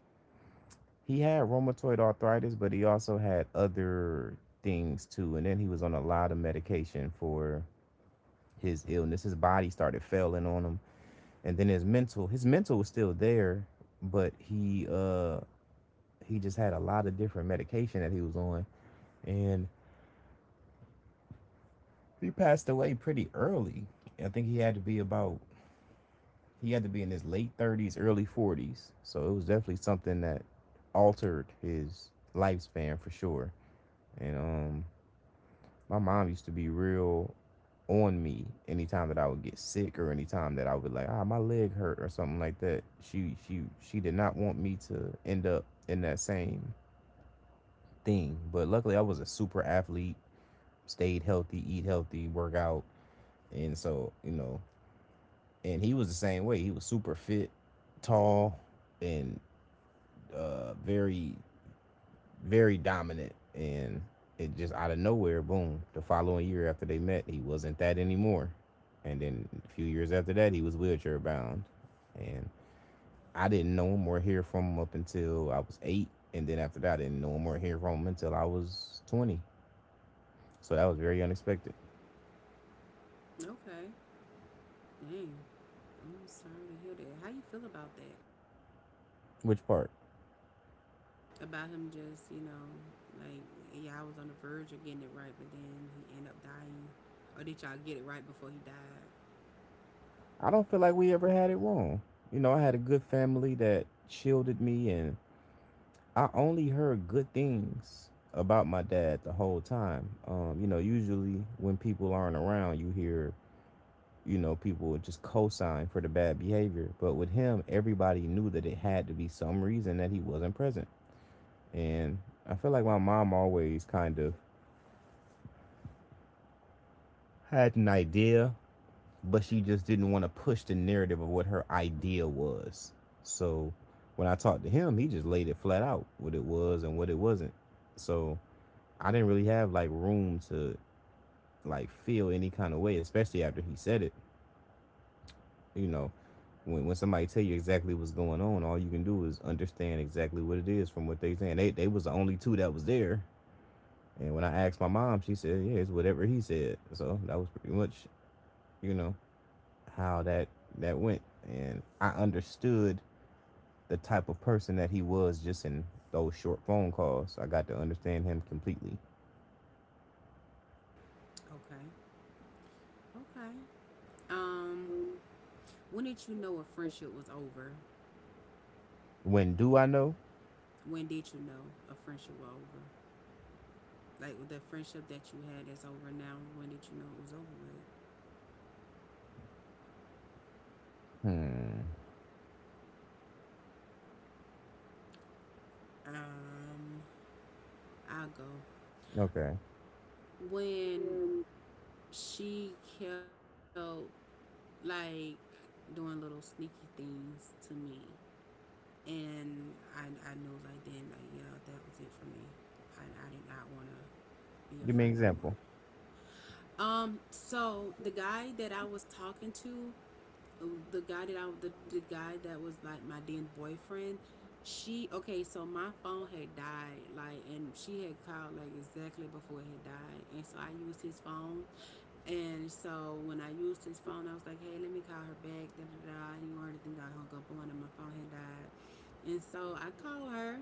B: He had rheumatoid arthritis, but he also had other things too. And then he was on a lot of medication for his illness. His body started failing on him, and then his mental was still there, but he just had a lot of different medication that he was on. And he passed away pretty early. I think he had to be about, he had to be in his late 30s, early 40s, so it was definitely something that altered his lifespan for sure. And my mom used to be real on me anytime that I would get sick or anytime that I would like, ah, my leg hurt or something like that. She did not want me to end up in that same thing. But luckily I was a super athlete, stayed healthy, eat healthy, work out, and so, you know, and he was the same way. He was super fit, tall, and very dominant, and it just out of nowhere, boom. The following year after they met, he wasn't that anymore, and then a few years after that, he was wheelchair bound, and I didn't know him or hear from him up until I was eight, and then after that, I didn't know him or hear from him until I was 20. So that was very unexpected.
A: Okay, dang. I'm sorry to hear that. How you feel about that?
B: Which part?
A: About him, just, you know, like, yeah, I was on the verge of getting it right, but then he ended up dying. Or did y'all get it right before he died?
B: I don't feel like we ever had it wrong. You know, I had a good family that shielded me and I only heard good things about my dad the whole time. You know, usually when people aren't around, you hear, you know, people just co-sign for the bad behavior. But with him, everybody knew that it had to be some reason that he wasn't present. And I feel like my mom always kind of had an idea, but she just didn't want to push the narrative of what her idea was. So when I talked to him, he just laid it flat out what it was and what it wasn't. So I didn't really have like room to like feel any kind of way, especially after he said it. You know, when somebody tell you exactly what's going on, all you can do is understand exactly what it is from what they saying. They was the only two that was there. And when I asked my mom, she said, "Yeah, it's whatever he said." So that was pretty much, you know, how that went. And I understood the type of person that he was just in those short phone calls. I got to understand him completely.
A: Okay, okay. Um, when did you know a friendship was over?
B: When do I know?
A: When did you know a friendship was over? Like the friendship that you had that's over now. When did you know it was over with?
B: Hmm.
A: Um, I'll go.
B: Okay.
A: When she kept, like, doing little sneaky things to me, and I knew, like, then, like, yeah, that was it for me. I did not want to be a
B: Give me an
A: friend no
B: example.
A: more. So the guy that I was talking to, uh, the guy that I, the guy that was, like, my then boyfriend, she, okay, so my phone had died, like, and she had called like exactly before it had died, and so I used his phone. And so when I used his phone, I was like, hey, let me call her back, da da da, and he wanted to think I hung up on, and my phone had died, and so I called her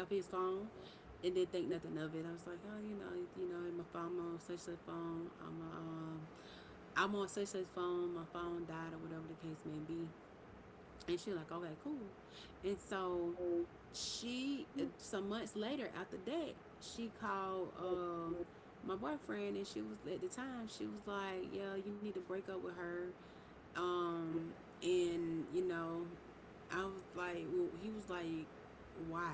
A: off his phone, and didn't think nothing of it. I was like, oh, you know, my phone, I'm on such such phone. I'm on such such phone. My phone died or whatever the case may be. And she like, okay, cool. And so she, some months later after that, she called my boyfriend, and she was, at the time, she was like, yeah, you need to break up with her. Um, and you know, I was like, well, he was like, why?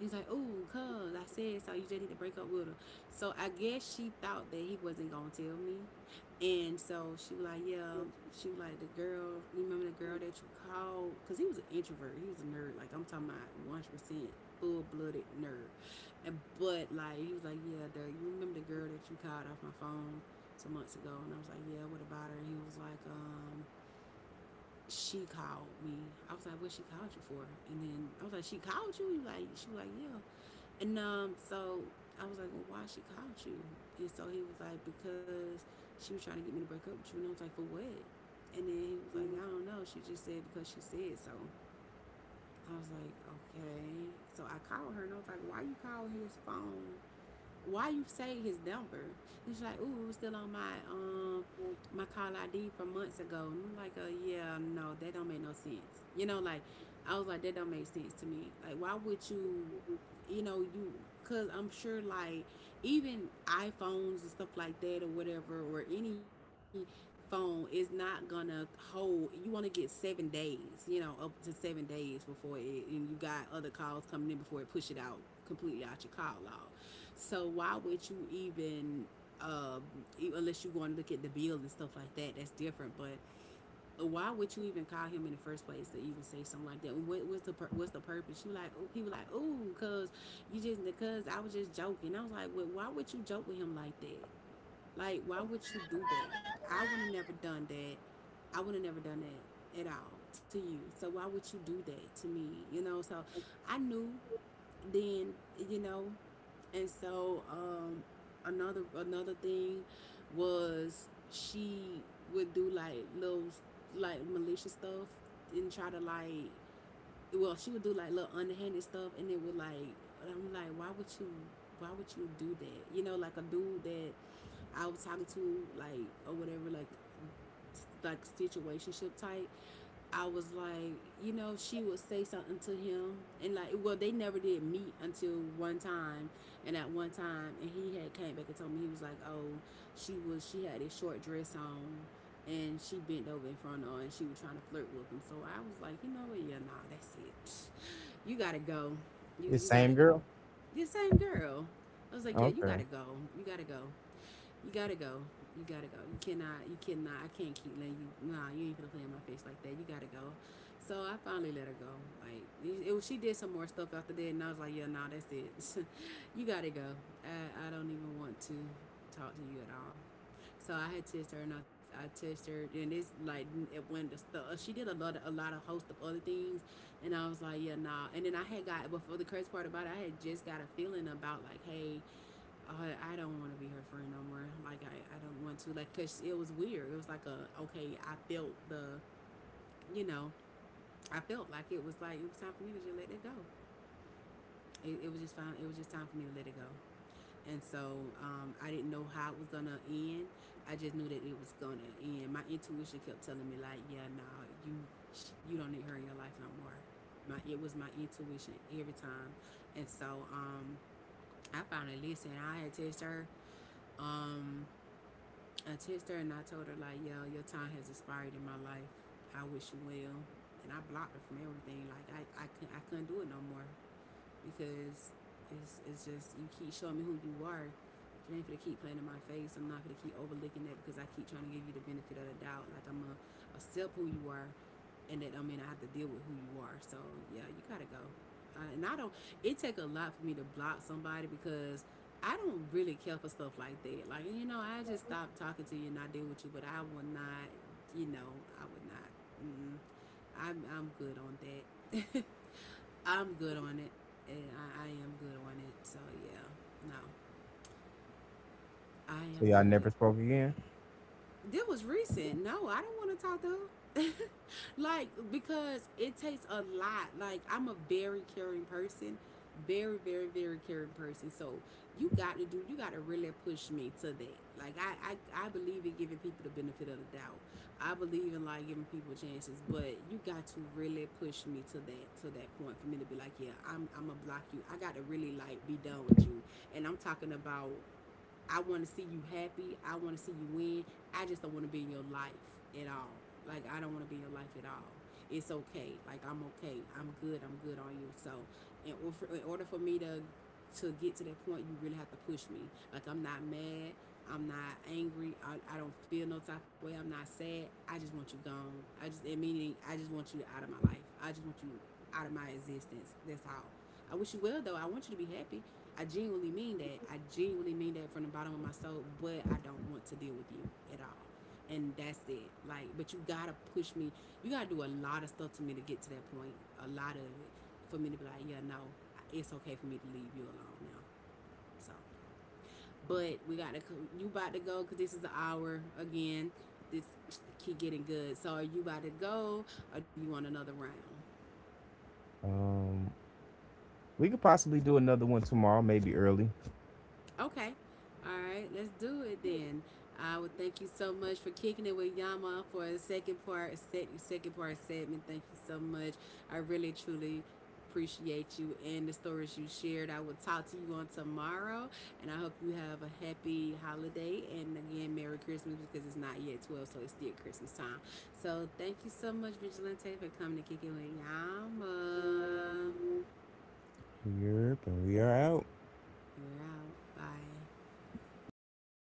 A: He's like, ooh, cuz I said so. You just need to break up with her. So I guess she thought that he wasn't gonna tell me, and so she was like, yeah. She was like, the girl, you remember the girl that you called? Cause he was an introvert. He was a nerd. Like, I'm talking about 100% full blooded nerd. And but like, he was like, yeah, the, you remember the girl that you called off my phone some months ago? And I was like, yeah, what about her? And he was like, she called me. I was like, what she called you for? And then I was like, she called you? He was like, she was like, yeah. And so I was like, well, why she called you? And so he was like, because she was trying to get me to break up with you. And I was like, for what? And then he was like, I don't know. She just said because she said so. I was like, okay. So I called her and I was like, "Why you call his phone? Why you say his number?" He's like, "Ooh, it was still on my my call ID from months ago." And I'm like, "Yeah, no, that don't make no sense." Like, I was like, "That don't make sense to me. Like, why would you?" You know, you because I'm sure, like, even iPhones and stuff like that or whatever, or any phone is not gonna hold you want to get 7 days, you know, up to 7 days before it, and you got other calls coming in before it push it out completely out your call log. So why would you even, uh, unless you going to look at the bill and stuff like that? That's different. But why would you even call him in the first place to even say something like that? What was the what's the purpose? You like, "Oh," he was like, "Oh, cause you just because I was just joking." I was like, "Well, why would you joke with him like that? Like, why would you do that? I would have never done that. I would have never done that at all to you. So why would you do that to me?" You know. So I knew then. You know, and so another thing was she would do like little, like, malicious stuff and try to like, well, she would do like little underhanded stuff, and it would like, I'm like, "Why would you, why would you do that?" You know, like a dude that I was talking to like, or whatever, like situationship type. I was like, you know, she would say something to him, and like, well, they never did meet until one time, and he had came back and told me. He was like, "Oh, she had this short dress on, and she bent over in front of her, and she was trying to flirt with him." So I was like, "You know what? Yeah, nah, that's it. You gotta go. You
B: The
A: you
B: same
A: gotta go."
B: girl?
A: The same girl. I was like, "Yeah, you
B: Okay.
A: gotta go. You gotta go. You gotta go. You gotta go. You cannot. You cannot. I can't keep letting you. Nah, you ain't gonna play in my face like that. You gotta go." So I finally let her go. Like she did some more stuff after that, and I was like, "Yeah, nah, that's it. (laughs) You gotta go. I don't even want to talk to you at all." So I had texted her, and I texted her, and it's like it went the stuff she did, a lot a lot of host of other things, and I was like, "Yeah, nah." And then I had got, before the crazy part about it, I had just got a feeling about like, "Hey, I don't want to be her friend no more. Like I don't want to." Like, cause it was weird. It was like a, okay, I felt the, you know, I felt like it was time for me to just let it go. It was just fine. It was just time for me to let it go. And so I didn't know how it was gonna end. I just knew that it was gonna end. My intuition kept telling me like, "Yeah, no, you you don't need her in your life no more." My it was my intuition every time. And so I finally listened. I had texted her. Um, I texted her and I told her like, "Yo, your time has expired in my life. I wish you well." And I blocked her from everything. Like I couldn't, I couldn't do it no more, because it's just you keep showing me who you are. You ain't gonna keep playing in my face. I'm not gonna keep overlooking that because I keep trying to give you the benefit of the doubt. Like, I'm a step who you are, and that don't mean I have to deal with who you are. So yeah, you gotta go. And I don't. It take a lot for me to block somebody, because I don't really care for stuff like that. Like, you know, I just stop talking to you and I deal with you, but I will not. You know, I would not. Mm-mm. I'm good on that. (laughs) I'm good on it, and I am good on it. So yeah, no, I
B: So
A: am
B: y'all
A: good.
B: never spoke again?
A: This was recent. No, I don't want to talk to her. (laughs) Like, because it takes a lot. Like, I'm a very caring person, very very very caring person. So you got to do. You got to really push me to that. Like I believe in giving people the benefit of the doubt. I believe in like giving people chances, but you got to really push me to that, to that point, for me to be like, "Yeah, I'm gonna block you." I got to really like be done with you. And I'm talking about I want to see you happy. I want to see you win. I just don't want to be in your life at all. Like, I don't want to be in your life at all. It's okay. Like, I'm okay. I'm good. I'm good on you. So in order for me to get to that point, you really have to push me. Like, I'm not mad. I'm not angry. I don't feel no type of way. I'm not sad. I just want you gone. I just, and meaning I just want you out of my life. I just want you out of my existence. That's all. I wish you well though. I want you to be happy. I genuinely mean that. I genuinely mean that from the bottom of my soul, but I don't want to deal with you at all. And that's it. Like, but you gotta push me. You gotta do a lot of stuff to me to get to that point. A lot of it for me to be like, "Yeah, no, it's okay for me to leave you alone now." So, but we gotta. You about to go because this is the hour again. This keep getting good. So, are you about to go or do you want another round?
B: Um, we could possibly do another one tomorrow, maybe early.
A: Okay. All right, let's do it then. I would thank you so much for kicking it with Yama for the second part, set second part segment. Thank you so much. I really truly appreciate you and the stories you shared. I will talk to you on tomorrow, and I hope you have a happy holiday, and again, Merry Christmas, because it's not yet 12, so it's still Christmas time. So thank you so much, Vigilante, for coming to kick it with Yama.
B: Yep, and we are out.
A: We're out. Bye.